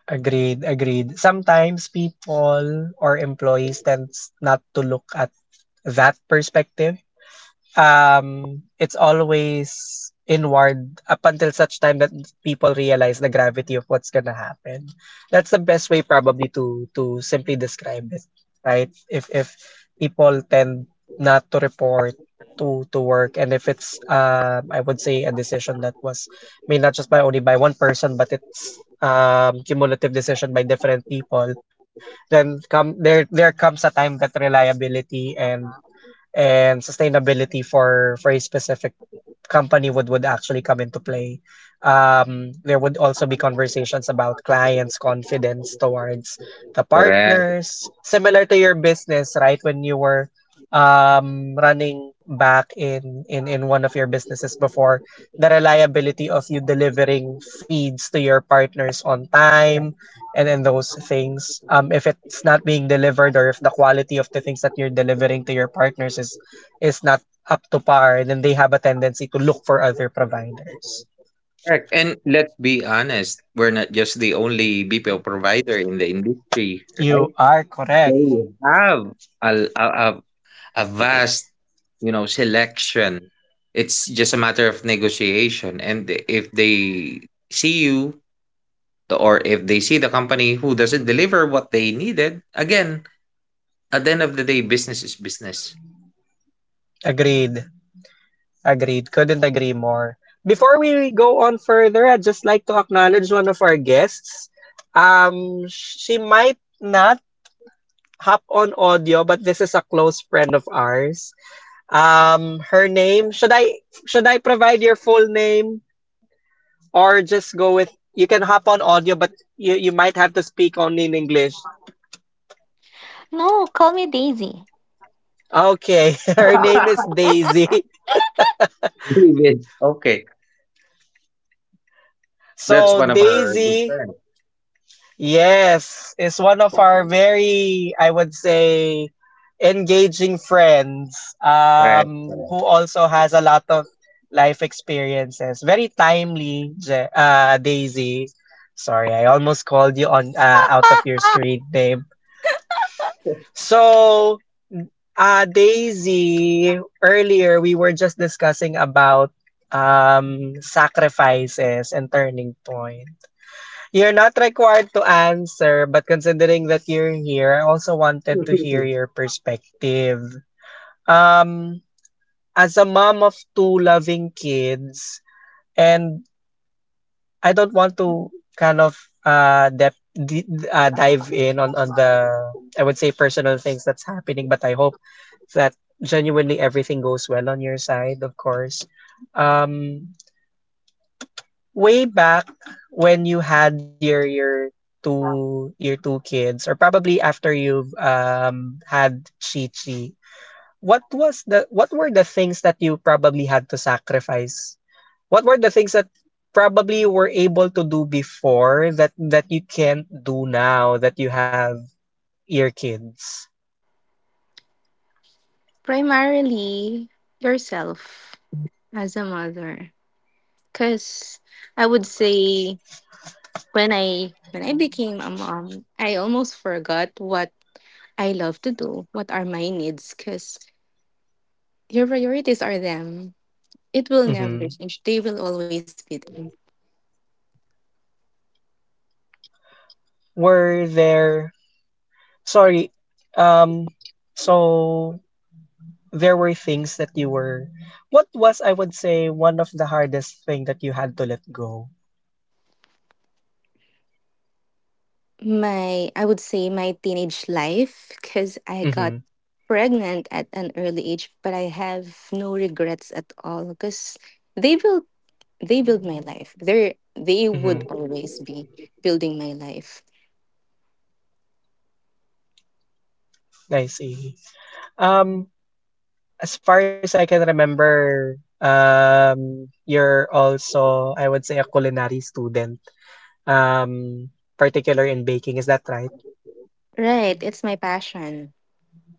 Speaker 1: Agreed, agreed. Sometimes people or employees tends not to look at that perspective. It's always inward up until such time that people realize the gravity of what's gonna happen. That's the best way probably to simply describe it, right? If people tend not to report to work, and if it's, I would say, a decision that was made not just by only by one person, but it's cumulative decision by different people, then come there there comes a time that reliability and sustainability for a specific company would actually come into play. There would also be conversations about clients' confidence towards the
Speaker 2: Correct.
Speaker 1: partners, similar to your business, right? When you were running back in one of your businesses before, the reliability of you delivering feeds to your partners on time and those things. If it's not being delivered, or if the quality of the things that you're delivering to your partners is not up to par, then they have a tendency to look for other providers.
Speaker 2: Correct. And let's be honest, we're not just the only BPO provider in the industry, right?
Speaker 1: You are correct.
Speaker 2: They have a, a, a a vast, selection. It's just a matter of negotiation. And if they see you or if they see the company who doesn't deliver what they needed, again, at the end of the day, business is business.
Speaker 1: Agreed. Agreed. Couldn't agree more. Before we go on further, I'd just like to acknowledge one of our guests. She might not hop on audio, but this is a close friend of ours. Her name, should I provide your full name? Or just go with, you can hop on audio, but you might have to speak only in English.
Speaker 3: No, call me Daisy.
Speaker 1: Okay, her name is Daisy.
Speaker 2: David, okay, that's
Speaker 1: So
Speaker 2: one of our good
Speaker 1: Daisy,
Speaker 2: friends,
Speaker 1: yes, is one of our very, I would say, engaging friends,
Speaker 2: right?
Speaker 1: who also has a lot of life experiences. Very timely, Daisy. Sorry, I almost called you on out of your screen name. So Daisy, earlier we were just discussing about sacrifices and turning point. You're not required to answer, but considering that you're here, I also wanted to hear your perspective. Um, as a mom of two loving kids, and I don't want to kind of dive in on the I would say personal things that's happening, but I hope that genuinely everything goes well on your side, of course. Um, way back when you had your two kids, or probably after you've had Chi Chi, what was the, what were the things that you probably had to sacrifice? What were the things that probably you were able to do before that that you can't do now that you have your kids?
Speaker 3: Primarily yourself as a mother. Cause I would say when I became a mom, I almost forgot what I love to do, what are my needs, because your priorities are them. It will never
Speaker 1: Hmm.
Speaker 3: change. They will always be them.
Speaker 1: Were there, sorry, um, so there were things that you were. What was, I would say, one of the hardest thing that you had to let go?
Speaker 3: My I would say my teenage life, because I got
Speaker 1: Mm-hmm.
Speaker 3: pregnant at an early age, but I have no regrets at all because they will they build my life. They would
Speaker 1: Mm-hmm.
Speaker 3: always be building my life.
Speaker 1: I see. Um, as far as I can remember, you're also, I would say, a culinary student, um, particular in baking. Is that right?
Speaker 3: Right, it's my passion.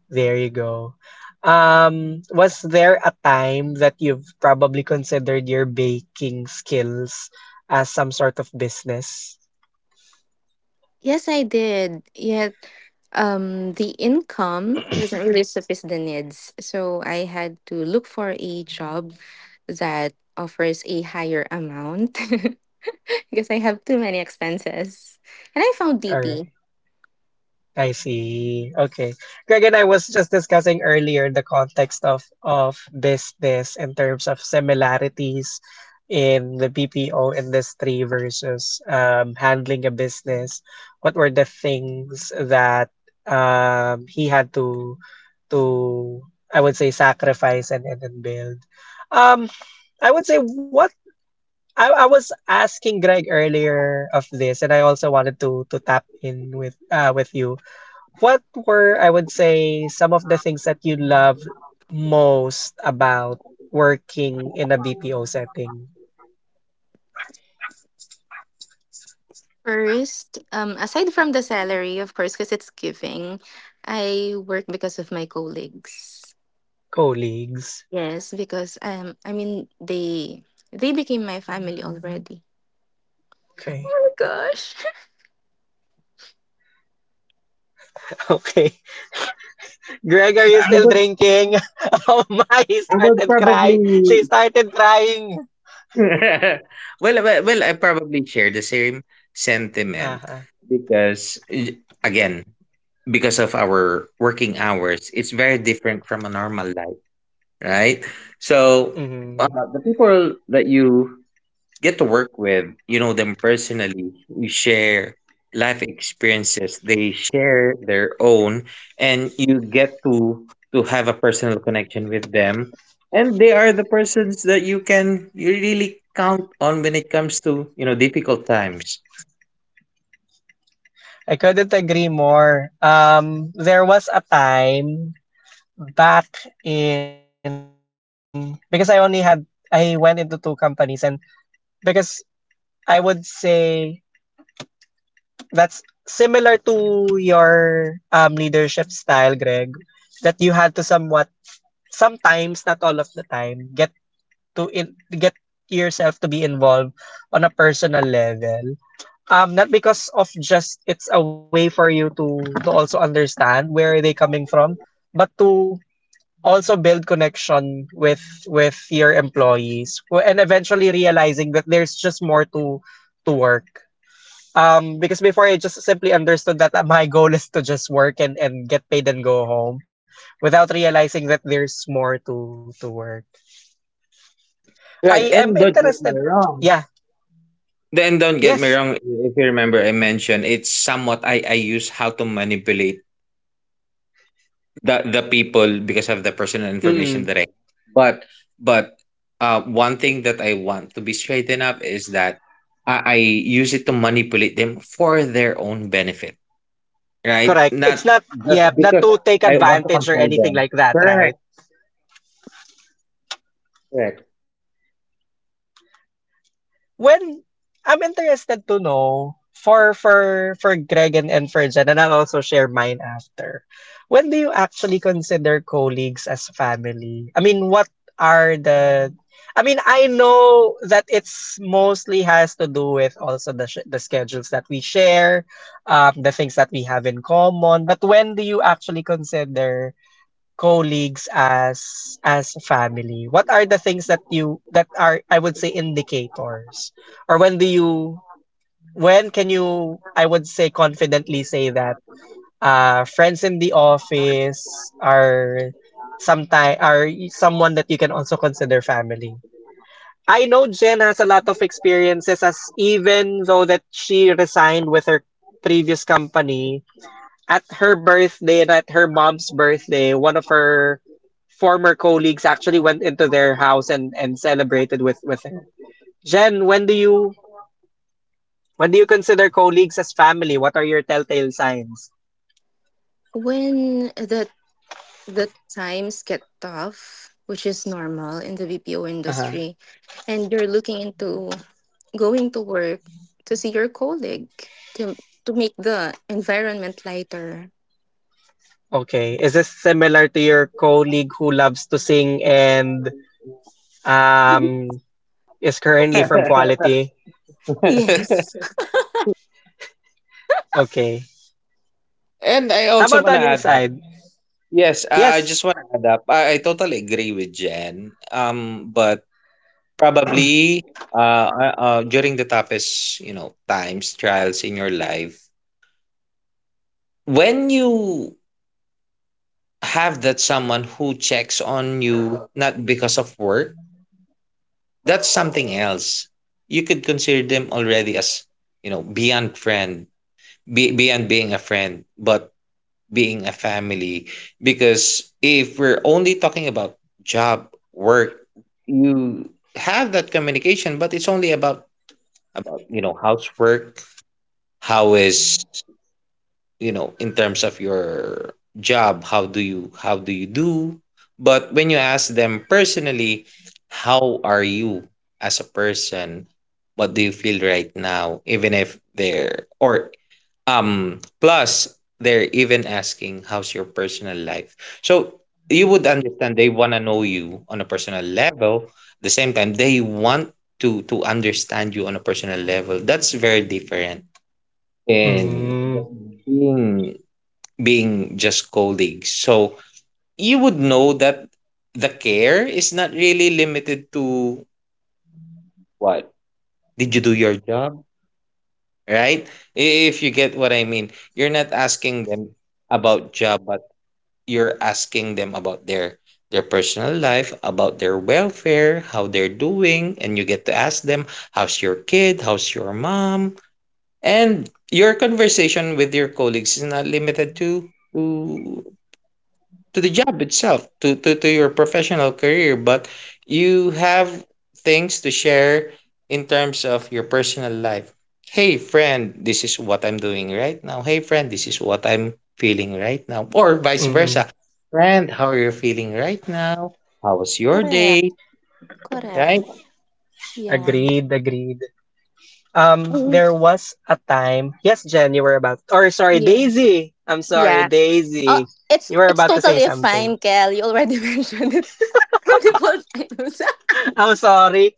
Speaker 1: There you go. Was there a time that you've probably considered your baking skills as some sort of business?
Speaker 3: Yes, I did. Yet the income doesn't really suffice the needs. So I had to look for a job that offers a higher amount because I have too many expenses. And I found
Speaker 1: Or
Speaker 3: DP.
Speaker 1: I see. Okay. Greg and I was just discussing earlier the context of business in terms of similarities in the BPO industry versus handling a business. What were the things that he had to I would say sacrifice and build. Um, I would say what I was asking Greg earlier of this, and I also wanted to tap in with you, what were, I would say, some of the things that you loved most about working in a BPO setting?
Speaker 3: First, aside from the salary, of course, because it's giving, I work because of my colleagues.
Speaker 1: Colleagues.
Speaker 3: Yes, because I mean they became my family already. Oh
Speaker 1: Okay.
Speaker 3: my gosh!
Speaker 1: Okay. Greg, are you
Speaker 2: I
Speaker 1: still
Speaker 2: would,
Speaker 1: drinking? Oh my, he
Speaker 2: I would
Speaker 1: started crying. She
Speaker 2: probably.
Speaker 1: started crying.
Speaker 2: I probably share the same sentiment
Speaker 1: Uh-huh.
Speaker 2: because, again, because of our working hours, it's very different from a normal life, right? So,
Speaker 1: Mhm.
Speaker 2: the people that you get to work with, you know them personally. We share life experiences. They share their own, and you get to have a personal connection with them. And they are the persons that you can you really count on when it comes to difficult times.
Speaker 1: I couldn't agree more. There was a time back in, because I only had, I went into two companies, and because I would say that's similar to your leadership style, Greg, that you had to somewhat, sometimes, not all of the time, get to in, get yourself to be involved on a personal level. Not because of just, it's a way for you to also understand where are they coming from, but to also build connection with your employees who- and eventually realizing that there's just more to work. Because before I just simply understood that my goal is to just work and get paid and go home without realizing that there's more to work.
Speaker 2: Right,
Speaker 1: I am
Speaker 2: and don't get me
Speaker 1: interested.
Speaker 2: wrong.
Speaker 1: Yeah.
Speaker 2: Then don't get me
Speaker 1: Yes.
Speaker 2: wrong. If you remember, I mentioned it's somewhat I use how to manipulate the people because of the personal information
Speaker 1: Mm-mm.
Speaker 2: that I but but one thing that I want to be straightened up is that I use it to manipulate them for their own benefit. Right?
Speaker 1: Correct. It's
Speaker 2: Not
Speaker 1: not,
Speaker 2: just
Speaker 1: yeah, not
Speaker 2: because
Speaker 1: to take
Speaker 2: I want to
Speaker 1: advantage or
Speaker 2: control
Speaker 1: anything
Speaker 2: them.
Speaker 1: like that,
Speaker 2: Correct.
Speaker 1: right?
Speaker 2: Correct.
Speaker 1: Well, I'm interested to know for for Greg and for Jen, and I'll also share mine after. When do you actually consider colleagues as family? I mean, what are the, I mean, I know that it's mostly has to do with also the the schedules that we share, the things that we have in common. But when do you actually consider colleagues as family, what are the things that you that are, I would say, indicators, or when do you, when can you, I would say, confidently say that friends in the office are sometime, are someone that you can also consider family? I know Jen has a lot of experiences, as even though that she resigned with her previous company, at her birthday and at her mom's birthday, one of her former colleagues actually went into their house and celebrated with her. Jen, when do you, when do you consider colleagues as family? What are your telltale signs?
Speaker 3: When the times get tough, which is normal in the BPO
Speaker 1: Uh-huh.
Speaker 3: industry, and you're looking into going to work to see your colleague to make the environment lighter.
Speaker 1: Okay. Is this similar to your colleague who loves to sing and um is currently from quality?
Speaker 3: Yes.
Speaker 1: Okay.
Speaker 2: And I
Speaker 1: How
Speaker 2: also
Speaker 1: about
Speaker 2: wanna
Speaker 1: on your
Speaker 2: add up.
Speaker 1: side?
Speaker 2: Yes, I
Speaker 1: Yes.
Speaker 2: just wanna add up. I totally agree with Jen. But probably during the toughest times, trials in your life. When you have that someone who checks on you not because of work, that's something else. You could consider them already as, you know, beyond friend, beyond being a friend, but being a family. Because if we're only talking about job, work, you have that communication, but it's only about housework, how is in terms of your job, how do you do but when you ask them personally, how are you as a person, what do you feel right now, even if they're or plus they're even asking how's your personal life, so you would understand they want to know you on a personal level. At the same time they want to understand you on a personal level. That's very different and
Speaker 1: Mm,
Speaker 2: just being being just colleagues. So you would know that the care is not really limited to what? Did you do your job? Right? If you get what I mean, you're not asking them about job, but you're asking them about their personal life, about their welfare, how they're doing, and you get to ask them, how's your kid? How's your mom? And your conversation with your colleagues is not limited to the job itself, to your professional career, but you have things to share in terms of your personal life. Hey, friend, this is what I'm doing right now. Hey, friend, this is what I'm feeling right now. Or vice
Speaker 1: mm, mm.
Speaker 2: versa. Friend, how are you feeling right now? How was your
Speaker 3: Correct.
Speaker 2: day?
Speaker 3: Correct.
Speaker 2: Right?
Speaker 3: Yeah.
Speaker 1: Agreed, agreed.
Speaker 3: Mhm.
Speaker 1: There was a time. Yes, Jen, you were about. Or sorry,
Speaker 3: Yeah.
Speaker 1: Daisy. I'm sorry,
Speaker 3: Yeah. Uh,
Speaker 1: Daisy.
Speaker 3: it's
Speaker 1: You were
Speaker 3: it's
Speaker 1: about to say
Speaker 3: totally
Speaker 1: something.
Speaker 3: fine, Kel. You already mentioned it multiple times. I
Speaker 1: I'm sorry.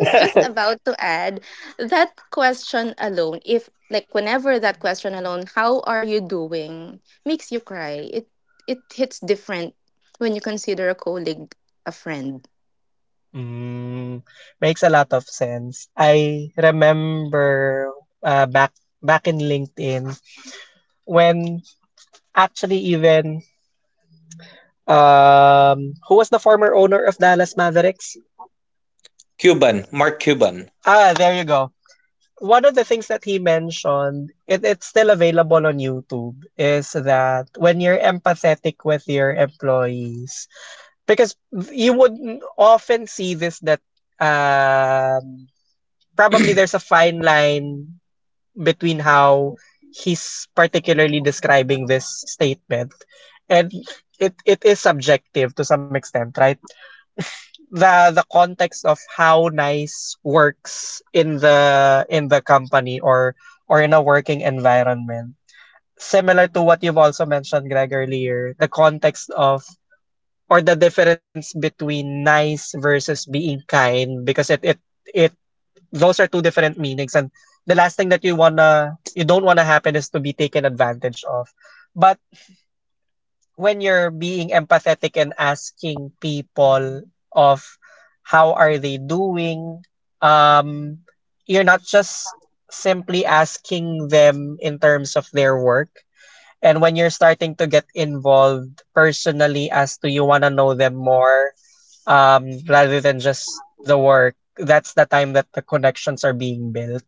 Speaker 3: was just about to add that question alone. If like whenever that question alone, how are you doing, makes you cry. It hits different when you consider a colleague a friend.
Speaker 1: Mm, makes a lot of sense. I remember uh, back back in LinkedIn, when actually even who was the former owner of Dallas Mavericks?
Speaker 2: Cuban, Mark Cuban.
Speaker 1: Ah, there you go. One of the things that he mentioned, it's still available on YouTube, is that when you're empathetic with your employees, because you would often see this that um, probably there's a fine line between how he's particularly describing this statement, and it is subjective to some extent, right? The context of how nice works in the company, or in a working environment, similar to what you've also mentioned, Greg, earlier, the context of, or the difference between nice versus being kind, because it those are two different meanings, and the last thing that you wanna, you don't wanna happen is to be taken advantage of. But when you're being empathetic and asking people of how are they doing, um, you're not just simply asking them in terms of their work. And when you're starting to get involved personally as to you want to know them more, rather than just the work, that's the time that the connections are being built.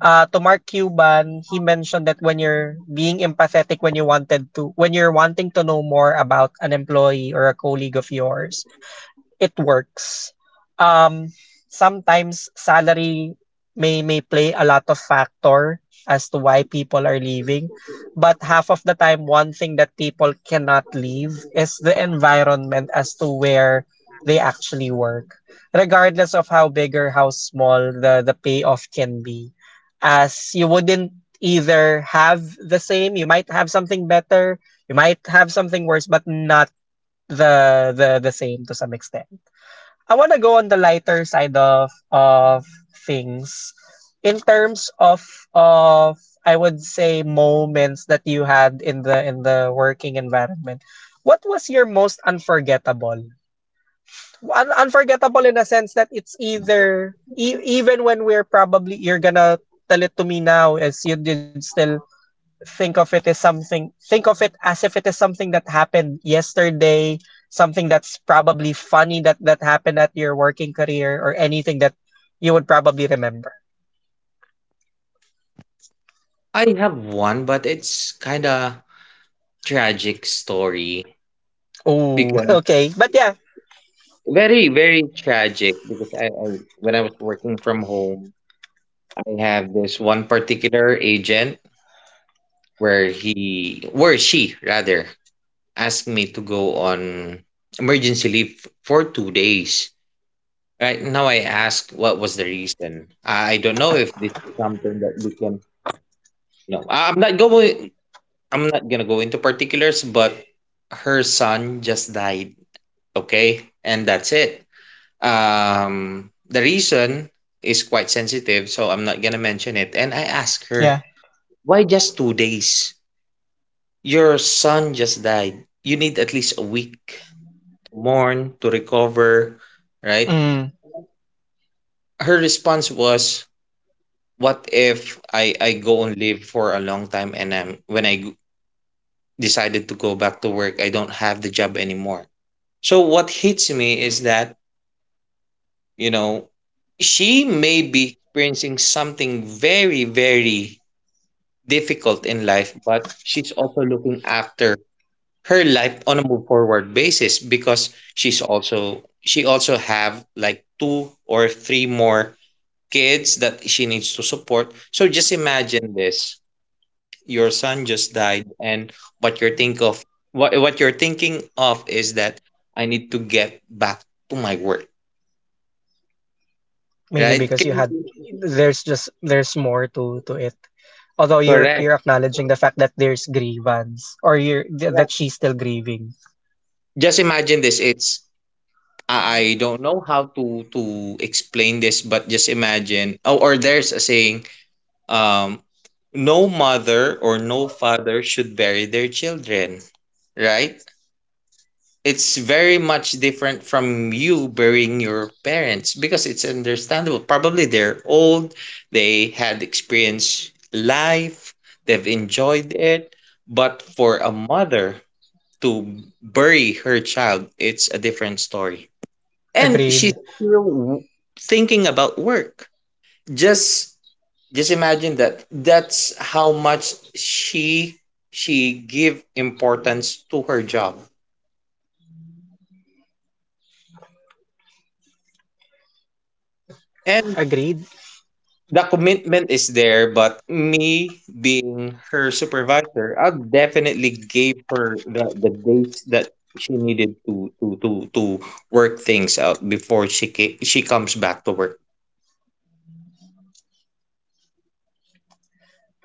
Speaker 1: Uh, to Mark Cuban, he mentioned that when you're being empathetic, when you wanted to, when you're wanting to know more about an employee or a colleague of yours, it works. Um, sometimes salary may play a lot of factor as to why people are leaving, but half of the time, one thing that people cannot leave is the environment as to where they actually work, regardless of how big or how small the payoff can be, as you wouldn't either have the same, you might have something better, you might have something worse, but not the same to some extent. I want to go on the lighter side of things in terms of I would say moments that you had in the working environment. What was your most unforgettable? Unforgettable in a sense that it's either even when we're probably, you're gonna tell it to me now as you did, still think of it as something, think of it as if it is something that happened yesterday, something that's probably funny that that happened at your working career, or anything that you would probably remember.
Speaker 2: I have one, but it's kind of tragic story
Speaker 1: Oh,
Speaker 2: because
Speaker 1: okay, but yeah.
Speaker 2: very very tragic because I when I was working from home I have this one particular agent where he where she rather asked me to go on emergency leave for 2 days. Right now I asked what was the reason. I don't know if this is something that we can you know I- I'm not going I'm not gonna go into particulars, but her son just died. Okay? And that's it. The reason is quite sensitive, so I'm not gonna mention it. And I asked
Speaker 1: Yeah.
Speaker 2: her why just 2 days? Your son just died. You need at least a week to mourn, to recover, right?
Speaker 1: Mm,
Speaker 2: Her response was, "What if I go and live for a long time and I'm when I g- decided to go back to work, I don't have the job anymore." So what hits me is that, you know, she may be experiencing something very very difficult in life, but she's also looking after her life on a move forward basis, because she also have like two or three more kids that she needs to support. So just imagine this, your son just died, and what you're think of what you're thinking of is that I need to get back to my work,
Speaker 1: mainly
Speaker 2: right?
Speaker 1: because you had, there's just, there's more to it, although you're
Speaker 2: Correct,
Speaker 1: you're
Speaker 2: correct.
Speaker 1: acknowledging the fact that there's grievance, or you're
Speaker 2: Like,
Speaker 1: that she's still grieving.
Speaker 2: just imagine this. It's I don't know how to explain this, but just imagine, oh, or there's a saying, um, no mother or no father should bury their children, right? It's very much different from you burying your parents because it's understandable. Probably they're old, they had experienced life, they've enjoyed it. But for a mother to bury her child, it's a different story. And she's
Speaker 1: Agreed,
Speaker 2: still w- thinking about work. just just imagine that. That's how much she give importance to her job. And
Speaker 1: agreed.
Speaker 2: the commitment is there, but me being her supervisor, I definitely gave her the days that she needed to work things out before she comes back to work.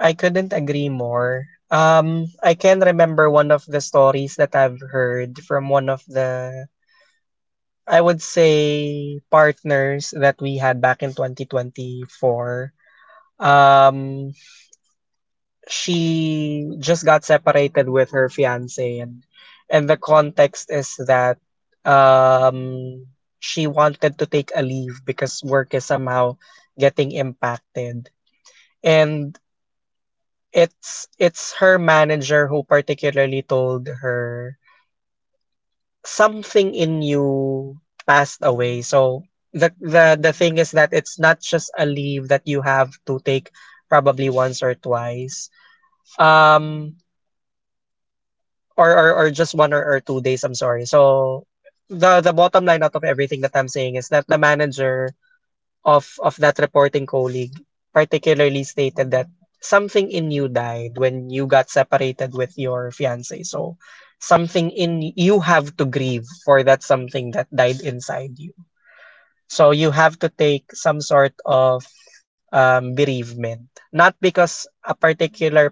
Speaker 1: I couldn't agree more. I can remember one of the stories that I've heard from one of the, I would say, partners that we had back in 2024. Um, she just got separated with her fiance, and the context is that um, she wanted to take a leave because work is somehow getting impacted. And it's her manager who particularly told her, something in you passed away. So the thing is that it's not just a leave that you have to take probably once or twice. Um, or just one, or 2 days, I'm sorry. So the bottom line out of everything that I'm saying is that the manager of that reporting colleague particularly stated that something in you died when you got separated with your fiance. So something in you have to grieve for that something that died inside you. So you have to take some sort of bereavement, not because a particular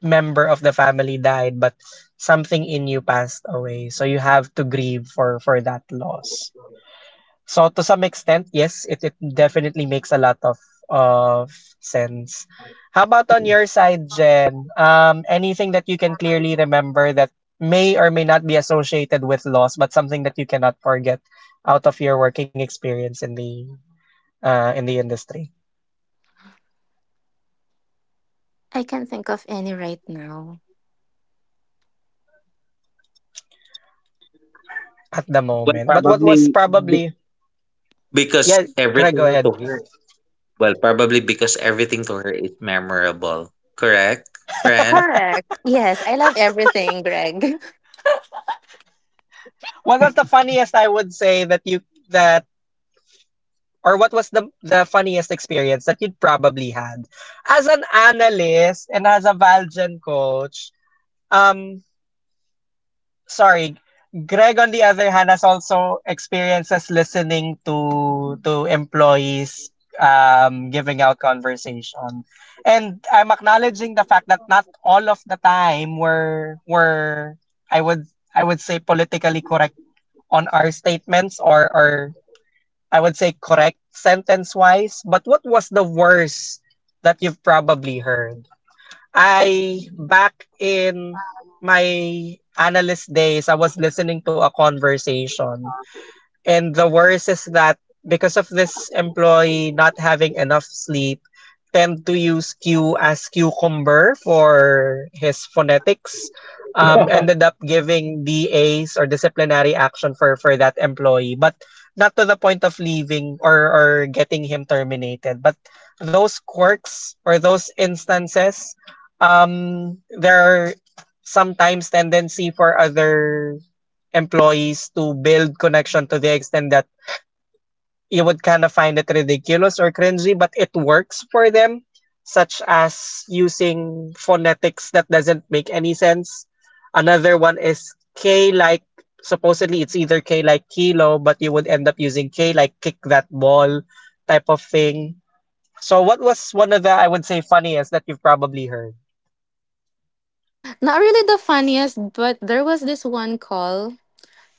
Speaker 1: member of the family died, but something in you passed away. So you have to grieve for that loss. So to some extent, yes, it definitely makes a lot of sense. How about on your side, Jen? Anything that you can clearly remember that may or may not be associated with loss, but something that you cannot forget out of your working experience in the industry
Speaker 3: I can't think of any right now.
Speaker 1: at the
Speaker 2: well
Speaker 1: moment. But what was
Speaker 2: probably be-
Speaker 1: probably,
Speaker 2: because
Speaker 1: yeah, Craig, go
Speaker 2: everything to
Speaker 1: ahead.
Speaker 2: her. Well, probably because everything to her is memorable. Correct, friend?
Speaker 3: Correct. Yes, I love everything, Greg.
Speaker 1: What was the funniest, I would say, that you that, or what was the funniest experience that you'd probably had as an analyst and as a Valgen coach? Um, sorry, Greg on the other hand has also experiences listening to employees giving out conversation. And I'm acknowledging the fact that not all of the time were I would I would say politically correct on our statements or I would say correct sentence wise, but what was the worst that you've probably heard? I, back in my analyst days, I was listening to a conversation. And the worst is that because of this employee not having enough sleep, tend to use Q as cucumber for his phonetics. Ended up giving DAs or disciplinary action for that employee, but not to the point of leaving or getting him terminated. But those quirks or those instances, there are sometimes tendency for other employees to build connection to the extent that you would kind of find it ridiculous or cringy, but it works for them, such as using phonetics that doesn't make any sense. Another one is K like, supposedly it's either K like kilo, but you would end up using K like kick that ball type of thing. So, what was one of the, I would say, funniest that you've probably heard?
Speaker 3: Not really the funniest, but there was this one call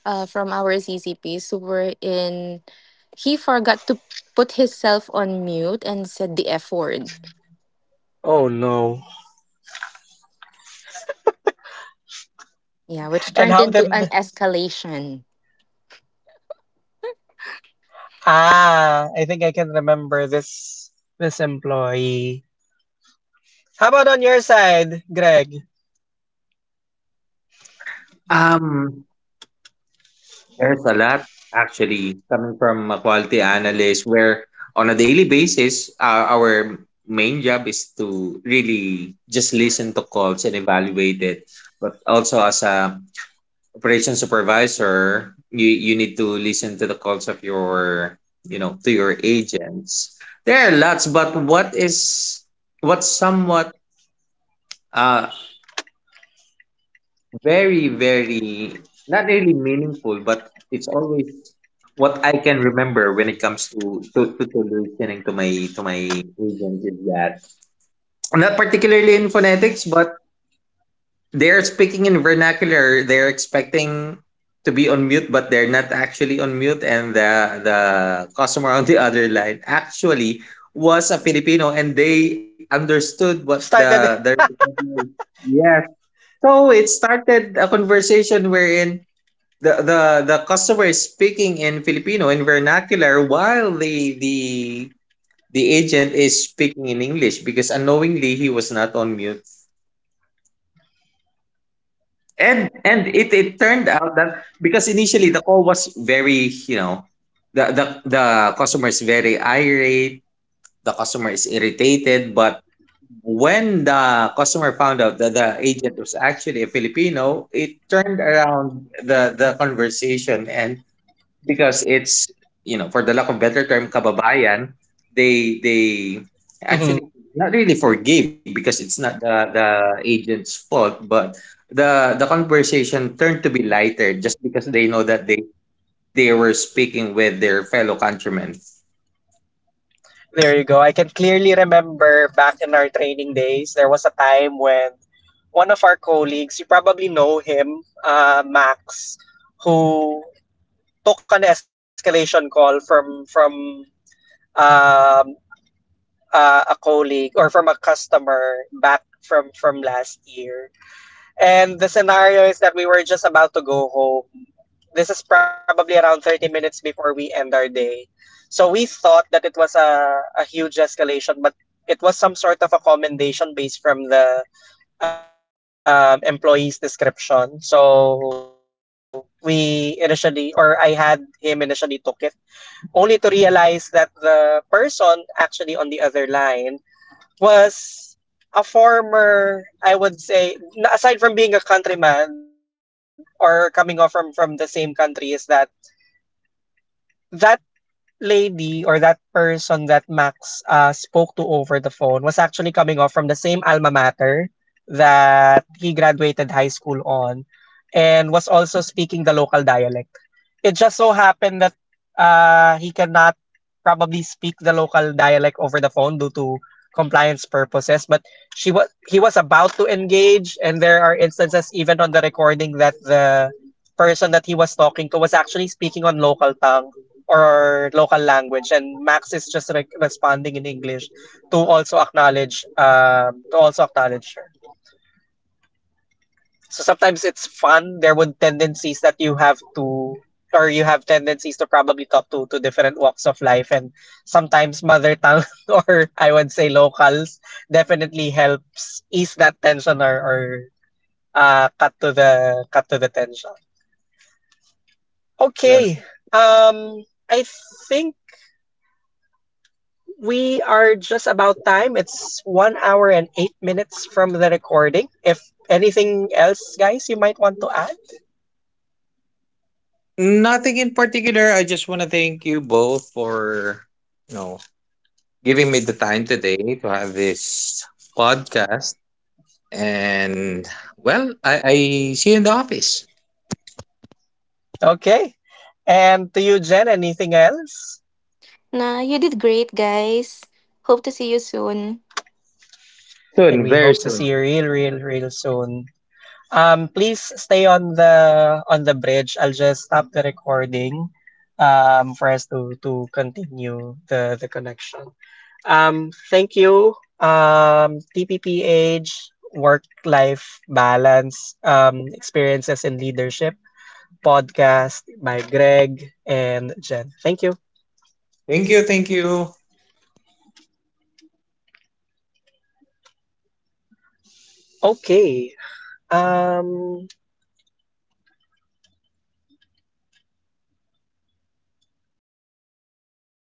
Speaker 3: from our CCPs who were in. He forgot to put himself on mute and said the F word.
Speaker 1: Oh no.
Speaker 3: Yeah, which
Speaker 1: And
Speaker 3: turned
Speaker 1: how
Speaker 3: into an
Speaker 1: did
Speaker 3: escalation.
Speaker 1: I think I can remember this employee. How about on your side, Greg?
Speaker 2: Um, there's a lot actually coming from a quality analyst where on a daily basis, our main job is to really just listen to calls and evaluate it. But also as a operation supervisor, you need to listen to the calls of your to your agents. There are lots, but what's somewhat uh very very not really meaningful but it's always what I can remember when it comes to listening to my agents is that not particularly in phonetics but they're speaking in vernacular, they're expecting to be on mute but they're not actually on mute, and the customer on the other line actually was a Filipino and they understood what
Speaker 1: Started.
Speaker 2: the representative yes, so it started a conversation wherein the the the customer is speaking in Filipino in vernacular, while the agent is speaking in English because unknowingly he was not on mute. And it it turned out that because initially the call was very, you know, the customer is very irate, the customer is irritated, but when the customer found out that the agent was actually a Filipino, it turned around the conversation, and because it's for the lack of better term, kababayan, they
Speaker 1: Mhm.
Speaker 2: actually not really forgave because it's not the agent's fault, but the conversation turned to be lighter just because they know that they were speaking with their fellow countrymen.
Speaker 1: There you go. I can clearly remember back in our training days, there was a time when one of our colleagues, you probably know him, Max, who took an escalation call from um, a colleague or from a customer back from last year. And the scenario is that we were just about to go home. This is probably around 30 minutes before we end our day. So we thought that it was a huge escalation, but it was some sort of a commendation based from the employee's description. So we initially, or I had him initially took it, only to realize that the person actually on the other line was a former, I would say, aside from being a countryman or coming off from the same country, is that that lady or that person that Max spoke to over the phone was actually coming off from the same alma mater that he graduated high school on, and was also speaking the local dialect. It just so happened that he cannot probably speak the local dialect over the phone due to compliance purposes, but she was he was about to engage, and there are instances even on the recording that the person that he was talking to was actually speaking on local tongue or local language, and Max is just responding in English to also acknowledge her. So sometimes it's fun. There would tendencies that you have to or you have tendencies to probably talk to different walks of life, and sometimes mother tongue or I would say locals definitely helps ease that tension, or cut to the tension. Okay. Um I think we are just about time. It's 1 hour and 8 minutes from the recording. If anything else, guys, you might want to add.
Speaker 2: Nothing in particular. I just want to thank you both for, you know, giving me the time today to have this podcast. And well, I see you in the office
Speaker 1: Okay. And to you, Jen, anything else? And
Speaker 2: soon,
Speaker 1: we
Speaker 2: very
Speaker 1: hope to
Speaker 2: soon.
Speaker 1: see you real, real, real soon. Please stay on the bridge. I'll just stop the recording for us to continue the connection. Thank you. TPPH work life balance experiences in leadership podcast by Greg and Jen. Thank you.
Speaker 2: Thank you. Thank you.
Speaker 1: Okay. Um, It's a one